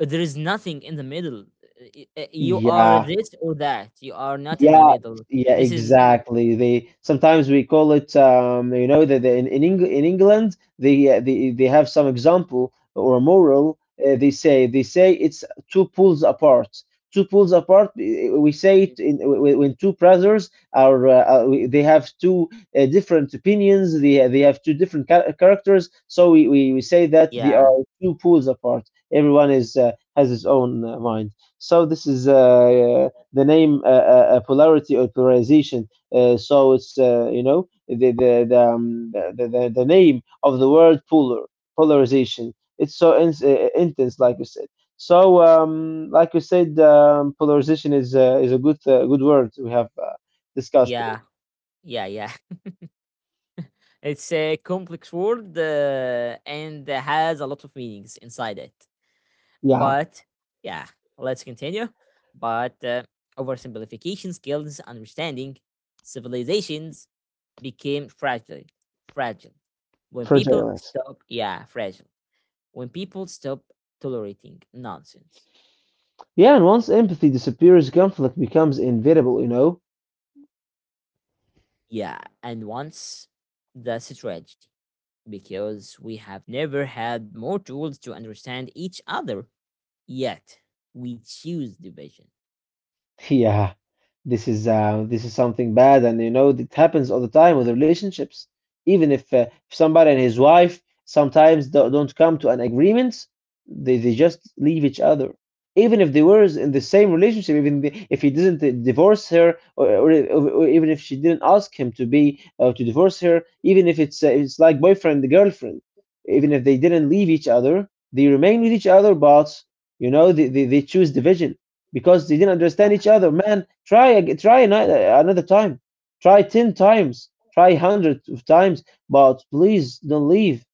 Speaker 1: there is nothing in the middle. You are
Speaker 2: yeah.
Speaker 1: this or that. You are not in the
Speaker 2: Yeah,
Speaker 1: middle.
Speaker 2: yeah,
Speaker 1: This is
Speaker 2: exactly. They sometimes we call it, you know, that in, Eng in England they they have some example or moral. They say it's two pools apart. Two pools apart. We say it in, when two brothers are they have two different opinions. They have two different characters. So we say that they
Speaker 1: yeah,
Speaker 2: are two pools apart. Everyone is has his own mind. So this is the name polarity or polarization. So it's you know the name of the word polar, polarization. It's so intense, like you said. So like you said, polarization is a good word we have discussed today.
Speaker 1: yeah, yeah, yeah. It's a complex word and has a lot of meanings inside it.
Speaker 2: Yeah,
Speaker 1: But yeah, let's continue. But oversimplification skills understanding civilizations became fragile. Fragile. When people
Speaker 2: fragile.
Speaker 1: stop, yeah, fragile. When people stop tolerating nonsense.
Speaker 2: Yeah, and once empathy disappears, conflict becomes inevitable, you know.
Speaker 1: Yeah, and once that's a tragedy because we have never had more tools to understand each other, yet we choose division.
Speaker 2: Yeah. This is this is something bad, and you know it happens all the time with relationships. Even if somebody and his wife sometimes don't come to an agreement, they just leave each other. Even if they were in the same relationship, even if he didn't divorce her, or even if she didn't ask him to be to divorce her, even if it's it's like boyfriend and girlfriend, even if they didn't leave each other, they remain with each other, but you know they choose division because they didn't understand
Speaker 1: Yeah.
Speaker 2: each other. Man, try try another time, try ten times, try hundred of times, but please don't leave.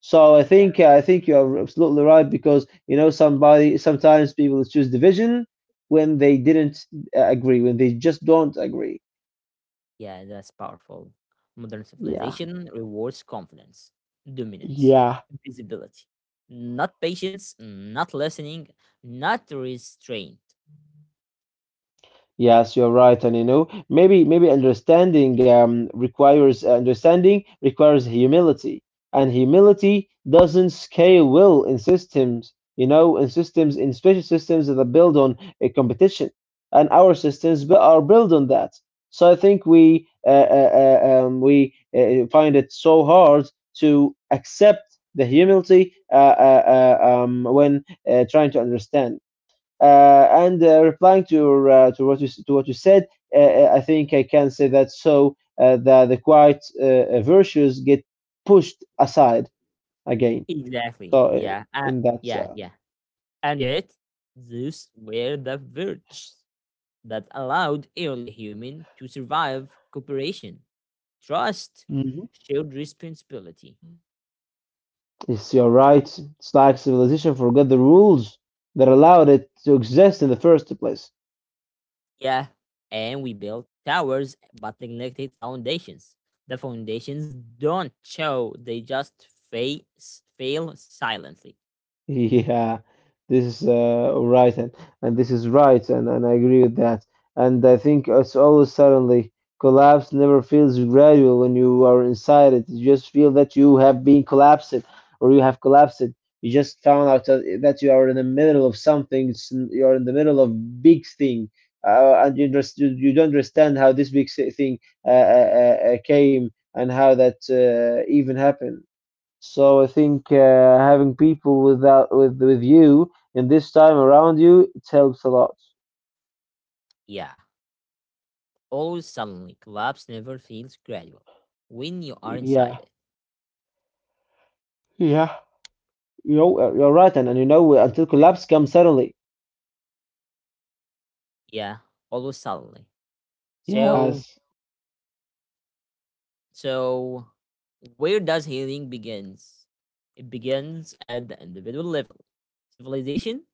Speaker 2: So I think you are absolutely right because you know somebody sometimes people choose division when they didn't agree, when they just don't agree.
Speaker 1: Yeah, that's powerful. Modern
Speaker 2: Yeah,
Speaker 1: civilization rewards confidence, dominance,
Speaker 2: yeah.
Speaker 1: visibility, not patience, not listening, not restraint.
Speaker 2: Yes, you're right, and you know, maybe understanding requires understanding requires humility, and humility doesn't scale well in systems, you know, in systems, in special systems that build on a competition, and our systems are built on that. So I think we find it so hard to accept the humility when trying to understand. And replying to what you said, I think I can say that so the quiet virtues get pushed aside again.
Speaker 1: Exactly.
Speaker 2: So
Speaker 1: Yeah.
Speaker 2: in that,
Speaker 1: Yeah. Yeah. And yet, these were the virtues that allowed early human to survive cooperation, trust,
Speaker 2: mhm.
Speaker 1: shared responsibility.
Speaker 2: Yes, you're right. It's like civilization forgot the rules that allowed it to exist in the first place.
Speaker 1: Yeah, and we built towers but neglected foundations. The foundations don't show, they just face, fail silently.
Speaker 2: Yeah, this is right, and this is right, and I agree with that. And I think it's always suddenly collapse never feels gradual when you are inside it. You just feel that you have been collapsed, or you have collapsed. You just found out that you are in the middle of something. It's- You are in the middle of big thing, and you just you don't understand how this big thing uh, uh, came and how that even happened. So I think having people with that with you in this time around you, it helps a lot.
Speaker 1: Yeah, always suddenly. Collapse never feels gradual when you are inside
Speaker 2: Yeah,
Speaker 1: it.
Speaker 2: yeah, you know you're right, and you know until collapse comes suddenly.
Speaker 1: Yeah, always suddenly. So,
Speaker 2: Yes,
Speaker 1: so where does healing begins? It begins at the individual level. Civilization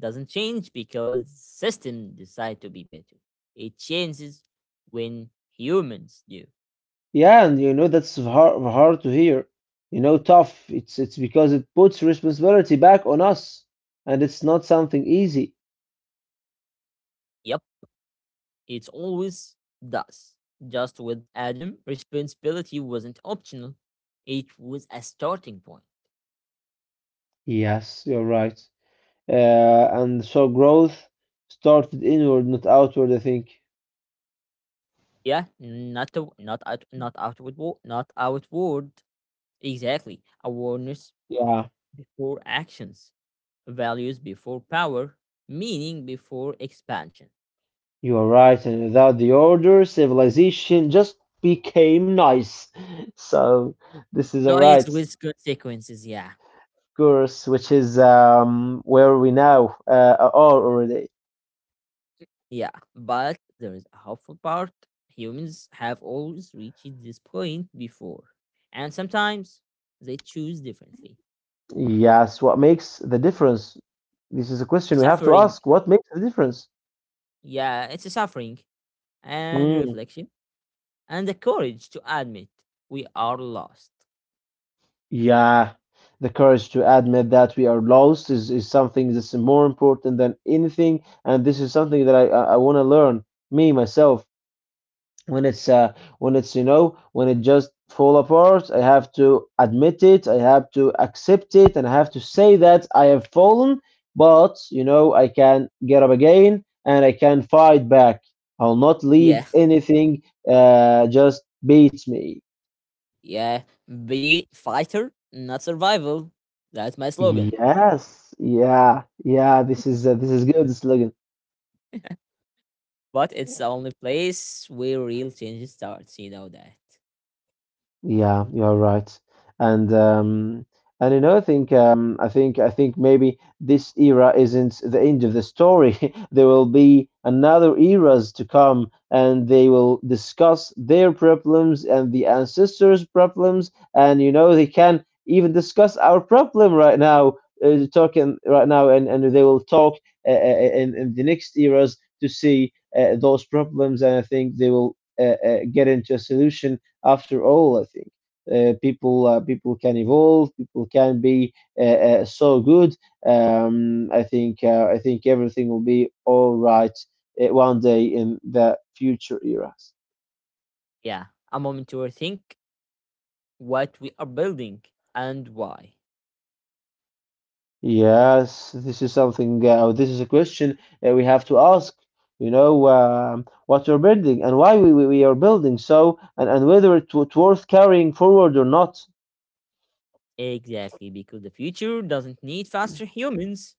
Speaker 1: doesn't change because systems decide to be better. It changes when humans do.
Speaker 2: yeah, and you know that's hard to hear. You know, tough. It's because it puts responsibility back on us, and it's not something easy.
Speaker 1: Yep, it always does. Just with Adam, responsibility wasn't optional. It was a starting point.
Speaker 2: Yes, you're right. And so growth started inward, not outward, I think.
Speaker 1: Yeah, not a, not out, not outward not outward. Exactly. Awareness
Speaker 2: Yeah.
Speaker 1: before actions, values before power, meaning before expansion.
Speaker 2: You are right, and without the order, civilization just became nice. So this is all right,
Speaker 1: Noise
Speaker 2: of
Speaker 1: with consequences, yeah.
Speaker 2: course, which is where we now are already.
Speaker 1: Yeah. But there is a hopeful part. Humans have always reached this point before. And sometimes they choose differently.
Speaker 2: Yes, what makes the difference? This is a question we have to
Speaker 1: Suffering,
Speaker 2: ask. What makes the difference?
Speaker 1: yeah, it's a suffering and
Speaker 2: Mm,
Speaker 1: reflection and the courage to admit we are lost.
Speaker 2: yeah, the courage to admit that we are lost is something that's more important than anything, and this is something that I want to learn me myself, when it's when it's, you know, when it just fall apart, I have to admit it, I have to accept it, and I have to say that I have fallen. But you know, I can get up again and I can fight back. I'll not leave
Speaker 1: Yeah,
Speaker 2: anything just beats me.
Speaker 1: yeah. Be fighter, not survival. That's my slogan.
Speaker 2: Yes, yeah, yeah, this is good slogan.
Speaker 1: But it's the only place where real change starts, you know that.
Speaker 2: Yeah, you're right. And um and you know, I think I think maybe this era isn't the end of the story. There will be another eras to come and they will discuss their problems and the ancestors' problems, and you know they can even discuss our problem right now talking right now, and they will talk in the next eras to see those problems, and I think they will get into a solution after all, I think. People people can evolve. People can be uh, so good. I think everything will be all right one day in the future eras.
Speaker 1: Yeah. A moment to rethink what we are building and why.
Speaker 2: Yes, this is something. This is a question we have to ask. You know what we're building and why we are building so, and whether it, it's worth carrying forward or not.
Speaker 1: Exactly, because the future doesn't need faster humans.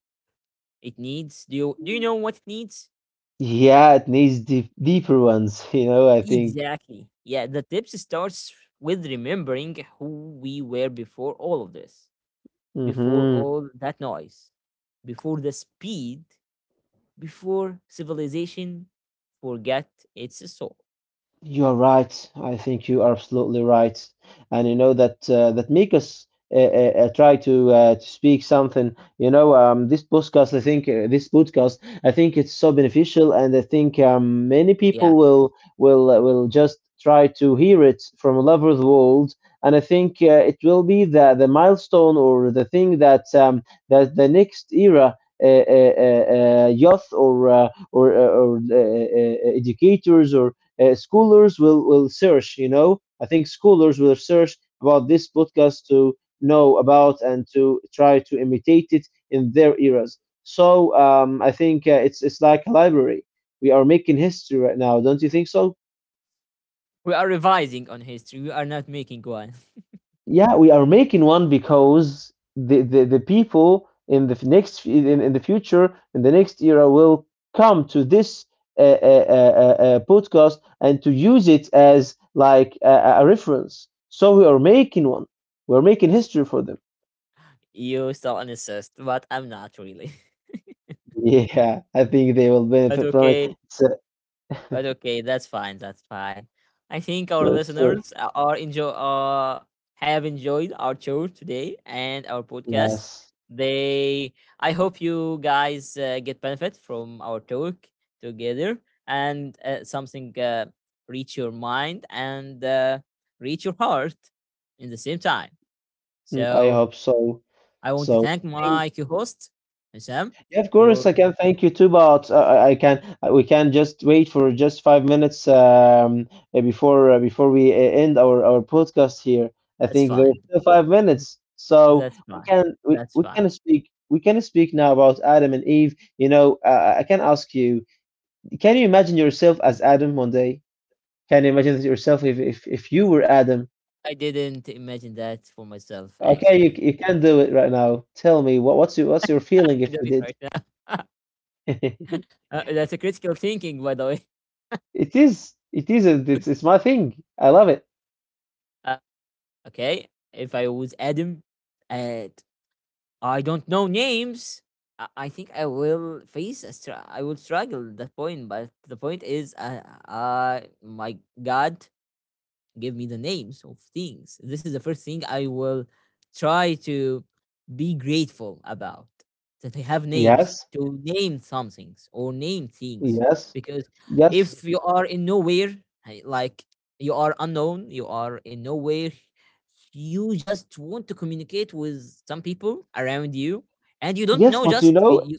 Speaker 1: It needs do you know what it needs?
Speaker 2: Yeah, it needs deep, deeper ones. You know, I think.
Speaker 1: Exactly. Yeah, the tips starts with remembering who we were before all of this, before
Speaker 2: hmm
Speaker 1: all that noise, before the speed, before civilization forget its soul.
Speaker 2: You are right. I think you are absolutely right, and you know that that make us try to speak something. You know, this podcast. I think this podcast, I think it's so beneficial, and I think many
Speaker 1: Yeah.
Speaker 2: people will will just try to hear it from all over the world. And I think it will be the milestone or the thing that that the next era. Youth or educators or schoolers will search. You know, I think schoolers will search about this podcast to know about and to try to imitate it in their eras. So I think it's like a library. We are making history right now, don't you think so?
Speaker 1: We are revising on history. We are not making one.
Speaker 2: Yeah, we are making one because the people in the future in the next era will come to this podcast and to use it as like a reference. So we are making one. We're making history for them.
Speaker 1: You still an assist, but I'm not really.
Speaker 2: Yeah, I think they will
Speaker 1: But
Speaker 2: benefit from it.
Speaker 1: okay.
Speaker 2: It's a,
Speaker 1: But okay, that's fine. That's fine. I think
Speaker 2: of
Speaker 1: our
Speaker 2: course, sure.
Speaker 1: listeners a- are enjoy have enjoyed our show today and our podcast.
Speaker 2: Yes.
Speaker 1: They, I hope you guys get benefit from our talk together and something reach your mind and reach your heart in the same time.
Speaker 2: Mm, I
Speaker 1: So
Speaker 2: hope so.
Speaker 1: I want to
Speaker 2: So I
Speaker 1: thank
Speaker 2: think.
Speaker 1: my co-host Sam
Speaker 2: Yeah, of course, I
Speaker 1: for
Speaker 2: can thank you too, but I can we can just wait for just 5 minutes before we end our podcast here. I
Speaker 1: that's
Speaker 2: think there's
Speaker 1: fine.
Speaker 2: still 5 minutes, so
Speaker 1: That's
Speaker 2: we
Speaker 1: fine.
Speaker 2: can we, we
Speaker 1: That's
Speaker 2: can
Speaker 1: fine.
Speaker 2: speak now about Adam and Eve. You know, I can ask you, can you imagine yourself as Adam one day? Can you imagine yourself if you were Adam?
Speaker 1: I didn't imagine that for myself,
Speaker 2: Okay, you
Speaker 1: actually.
Speaker 2: you can do it right now. Tell me what's your feeling if
Speaker 1: Do
Speaker 2: you
Speaker 1: it
Speaker 2: did?
Speaker 1: right now. That's a critical thinking, by the way.
Speaker 2: It is. It is. It's my thing. I love it.
Speaker 1: Uh, okay, if I was Adam and I don't know names, I think I will face a I will struggle at that point. But the point is, my God, give me the names of things. This is the first thing I will try to be grateful about that I have names
Speaker 2: Yes.
Speaker 1: to name some things or name things
Speaker 2: Yes.
Speaker 1: because
Speaker 2: Yes.
Speaker 1: if you are in nowhere, I- like you are unknown, you are in nowhere, you just want to communicate with some people around you and you don't
Speaker 2: Yes.
Speaker 1: know
Speaker 2: But you
Speaker 1: just
Speaker 2: know,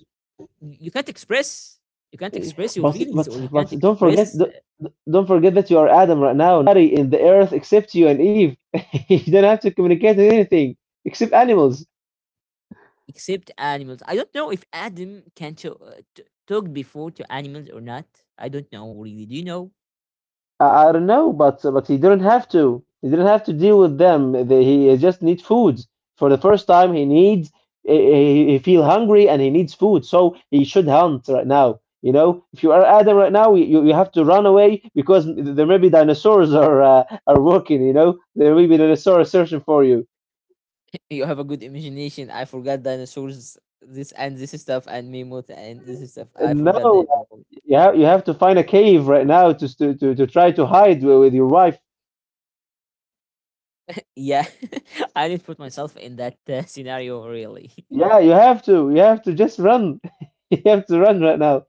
Speaker 1: you can't express you can't
Speaker 2: eh,
Speaker 1: express your
Speaker 2: but
Speaker 1: feelings or
Speaker 2: but
Speaker 1: you
Speaker 2: but
Speaker 1: can't
Speaker 2: don't forget.
Speaker 1: express
Speaker 2: th- th- Don't forget that you are Adam right now. Nobody in the earth except you and Eve. You don't have to communicate with anything except animals.
Speaker 1: except animals. I don't know if Adam can to, talk before to animals or not. I don't know really. Do you know?
Speaker 2: I don't know, but he didn't have to. He didn't have to deal with them. He just needs food. For the first time, he needs he feel hungry and he needs food. So he should hunt right now. You know, if you are Adam right now, you have to run away because there may be dinosaurs are walking. You know, there may be dinosaurs searching for you.
Speaker 1: You have a good imagination. I forgot dinosaurs. This and this stuff and mammoth and this stuff. I
Speaker 2: And
Speaker 1: forgot them
Speaker 2: no,
Speaker 1: all.
Speaker 2: you have to find a cave right now to, to try to hide with your wife.
Speaker 1: Yeah, I didn't put myself in that scenario really.
Speaker 2: Yeah, you have to. You have to just run. You have to run right now.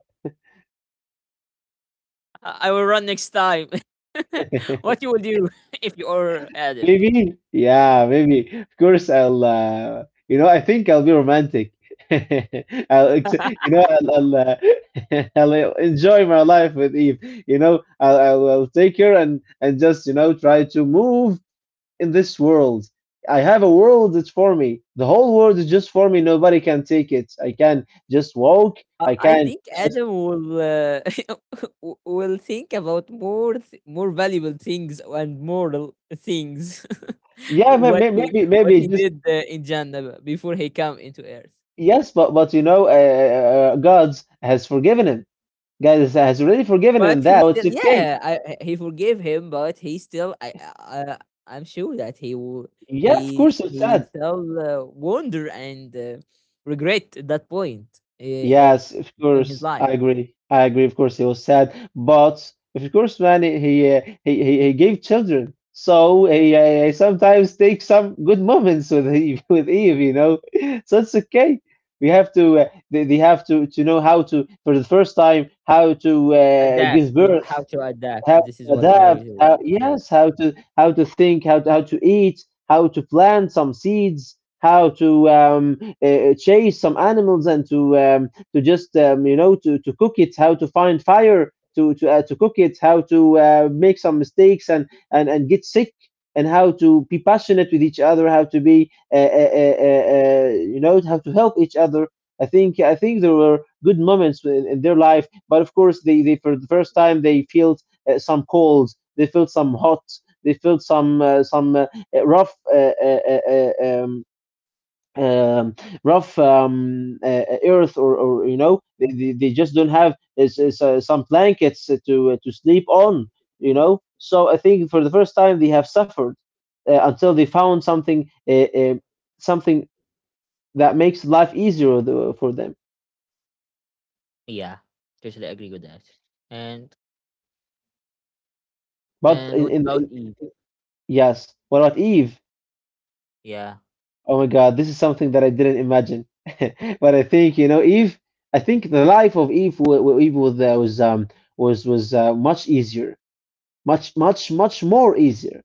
Speaker 1: I will run next time. What you will do if you are Adam?
Speaker 2: Maybe, yeah, maybe. Of course, I'll. You know, I think I'll be romantic. You know, I'll enjoy my life with Eve. You know, I'll take her and just you know try to move in this world. I have a world that's for me. The whole world is just for me. Nobody can take it. I can just walk. I
Speaker 1: I
Speaker 2: can
Speaker 1: think
Speaker 2: just,
Speaker 1: Adam will will think about more more valuable things and moral things.
Speaker 2: yeah,
Speaker 1: What he what he
Speaker 2: maybe just.
Speaker 1: did in Jannah before he come into Earth.
Speaker 2: Yes, but you know, God has forgiven him. God has already forgiven him
Speaker 1: But he
Speaker 2: that. So it's
Speaker 1: still,
Speaker 2: okay.
Speaker 1: yeah, he forgave him, but he still, I'm sure that he will
Speaker 2: Yeah, of course it's
Speaker 1: he
Speaker 2: sad.
Speaker 1: still wonder and regret that point if
Speaker 2: Yes, of
Speaker 1: in his
Speaker 2: course.
Speaker 1: life.
Speaker 2: I agree. I agree. Of course, it was sad. But of course, man, he gave children. So he sometimes takes some good moments with Eve, with Eve, you know. So it's okay. We have to. They have to know how to, for the first time, how to
Speaker 1: Adapt.
Speaker 2: give
Speaker 1: You
Speaker 2: birth.
Speaker 1: have to
Speaker 2: How
Speaker 1: adapt. This is
Speaker 2: to
Speaker 1: what
Speaker 2: adapt.
Speaker 1: Naruto would
Speaker 2: How,
Speaker 1: say.
Speaker 2: yes, how to, how to think how to eat, how to plant some seeds, how to chase some animals and to just you know, to cook it, how to find fire to to cook it, how to make some mistakes and, and get sick, and how to be passionate with each other, how to be you know, how to help each other. I think there were good moments in their life, but of course they for the first time they feel some colds, they felt some hot, they felt some rough um, um, rough earth, or you know, they just don't have some blankets to sleep on, you know. So I think for the first time they have suffered until they found something something that makes life easier for them.
Speaker 1: Yeah, totally agree with that. And
Speaker 2: But
Speaker 1: and what
Speaker 2: in,
Speaker 1: about Eve?
Speaker 2: yes, what about Eve?
Speaker 1: Yeah,
Speaker 2: Oh my God, this is something that I didn't imagine. But I think, you know, Eve, I think the life of Eve, Eve was, was much easier, much more easier.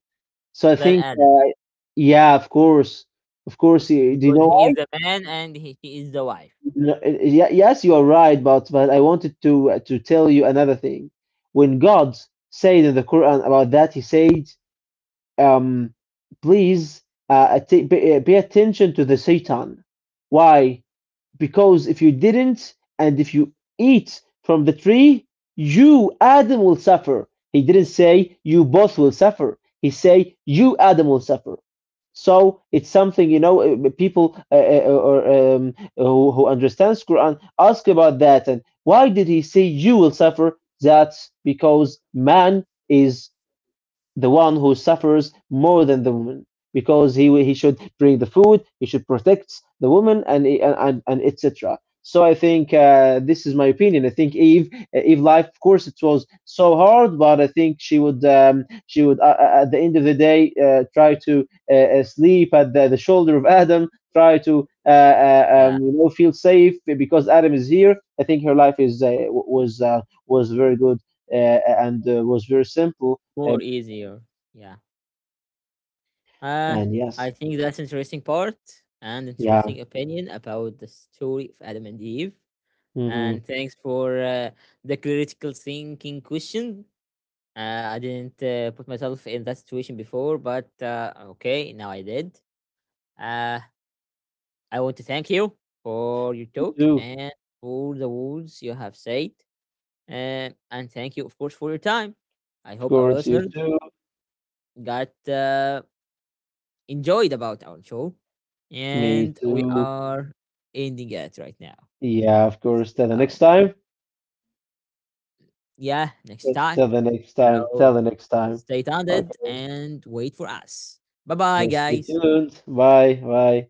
Speaker 2: So I
Speaker 1: then
Speaker 2: think,
Speaker 1: Adam
Speaker 2: yeah, of course, of course. Do you
Speaker 1: because
Speaker 2: know
Speaker 1: he is
Speaker 2: why?
Speaker 1: the man and he is the wife.
Speaker 2: No, yes, you are right, but I wanted to tell you another thing. When God said in the Quran about that, He said, um, please pay attention to the Satan. Why? Because if you didn't, and if you eat from the tree, you, Adam, will suffer. He didn't say you both will suffer. He say you, Adam, will suffer. So it's something, you know. Uh, people or who understands Quran ask about that and why did he say you will suffer? That's because man is the one who suffers more than the woman, because he should bring the food, he should protect the woman, and and etc. So I think, this is my opinion. I think Eve, Eve life, of course, it was so hard, but I think she would at the end of the day, try to sleep at the shoulder of adam try to
Speaker 1: Yeah,
Speaker 2: you know, feel safe because Adam is here. I think her life is was uh, was very good and was very simple. Uh,
Speaker 1: more easier. Yeah. Uh,
Speaker 2: and yes,
Speaker 1: I think that's interesting part and interesting
Speaker 2: yeah,
Speaker 1: opinion about the story of Adam and Eve. And
Speaker 2: mm-hmm.
Speaker 1: thanks for the critical thinking question. I didn't put myself in that situation before, but okay, now I did. Uh, I want to thank you for your talk
Speaker 2: Too,
Speaker 1: and for the words you have said. And thank you, of course, for your time. I
Speaker 2: of
Speaker 1: hope our
Speaker 2: course, you
Speaker 1: listeners
Speaker 2: too,
Speaker 1: got enjoyed about our show.
Speaker 2: me
Speaker 1: And we
Speaker 2: too.
Speaker 1: are ending it right now.
Speaker 2: Yeah, of course. Till the next
Speaker 1: So,
Speaker 2: time.
Speaker 1: yeah, next time.
Speaker 2: Till the next time. Till
Speaker 1: So,
Speaker 2: the next time.
Speaker 1: stay tuned
Speaker 2: Okay,
Speaker 1: and wait for us. Bye
Speaker 2: of
Speaker 1: bye,
Speaker 2: course. Stay
Speaker 1: guys.
Speaker 2: tuned. Bye. Bye.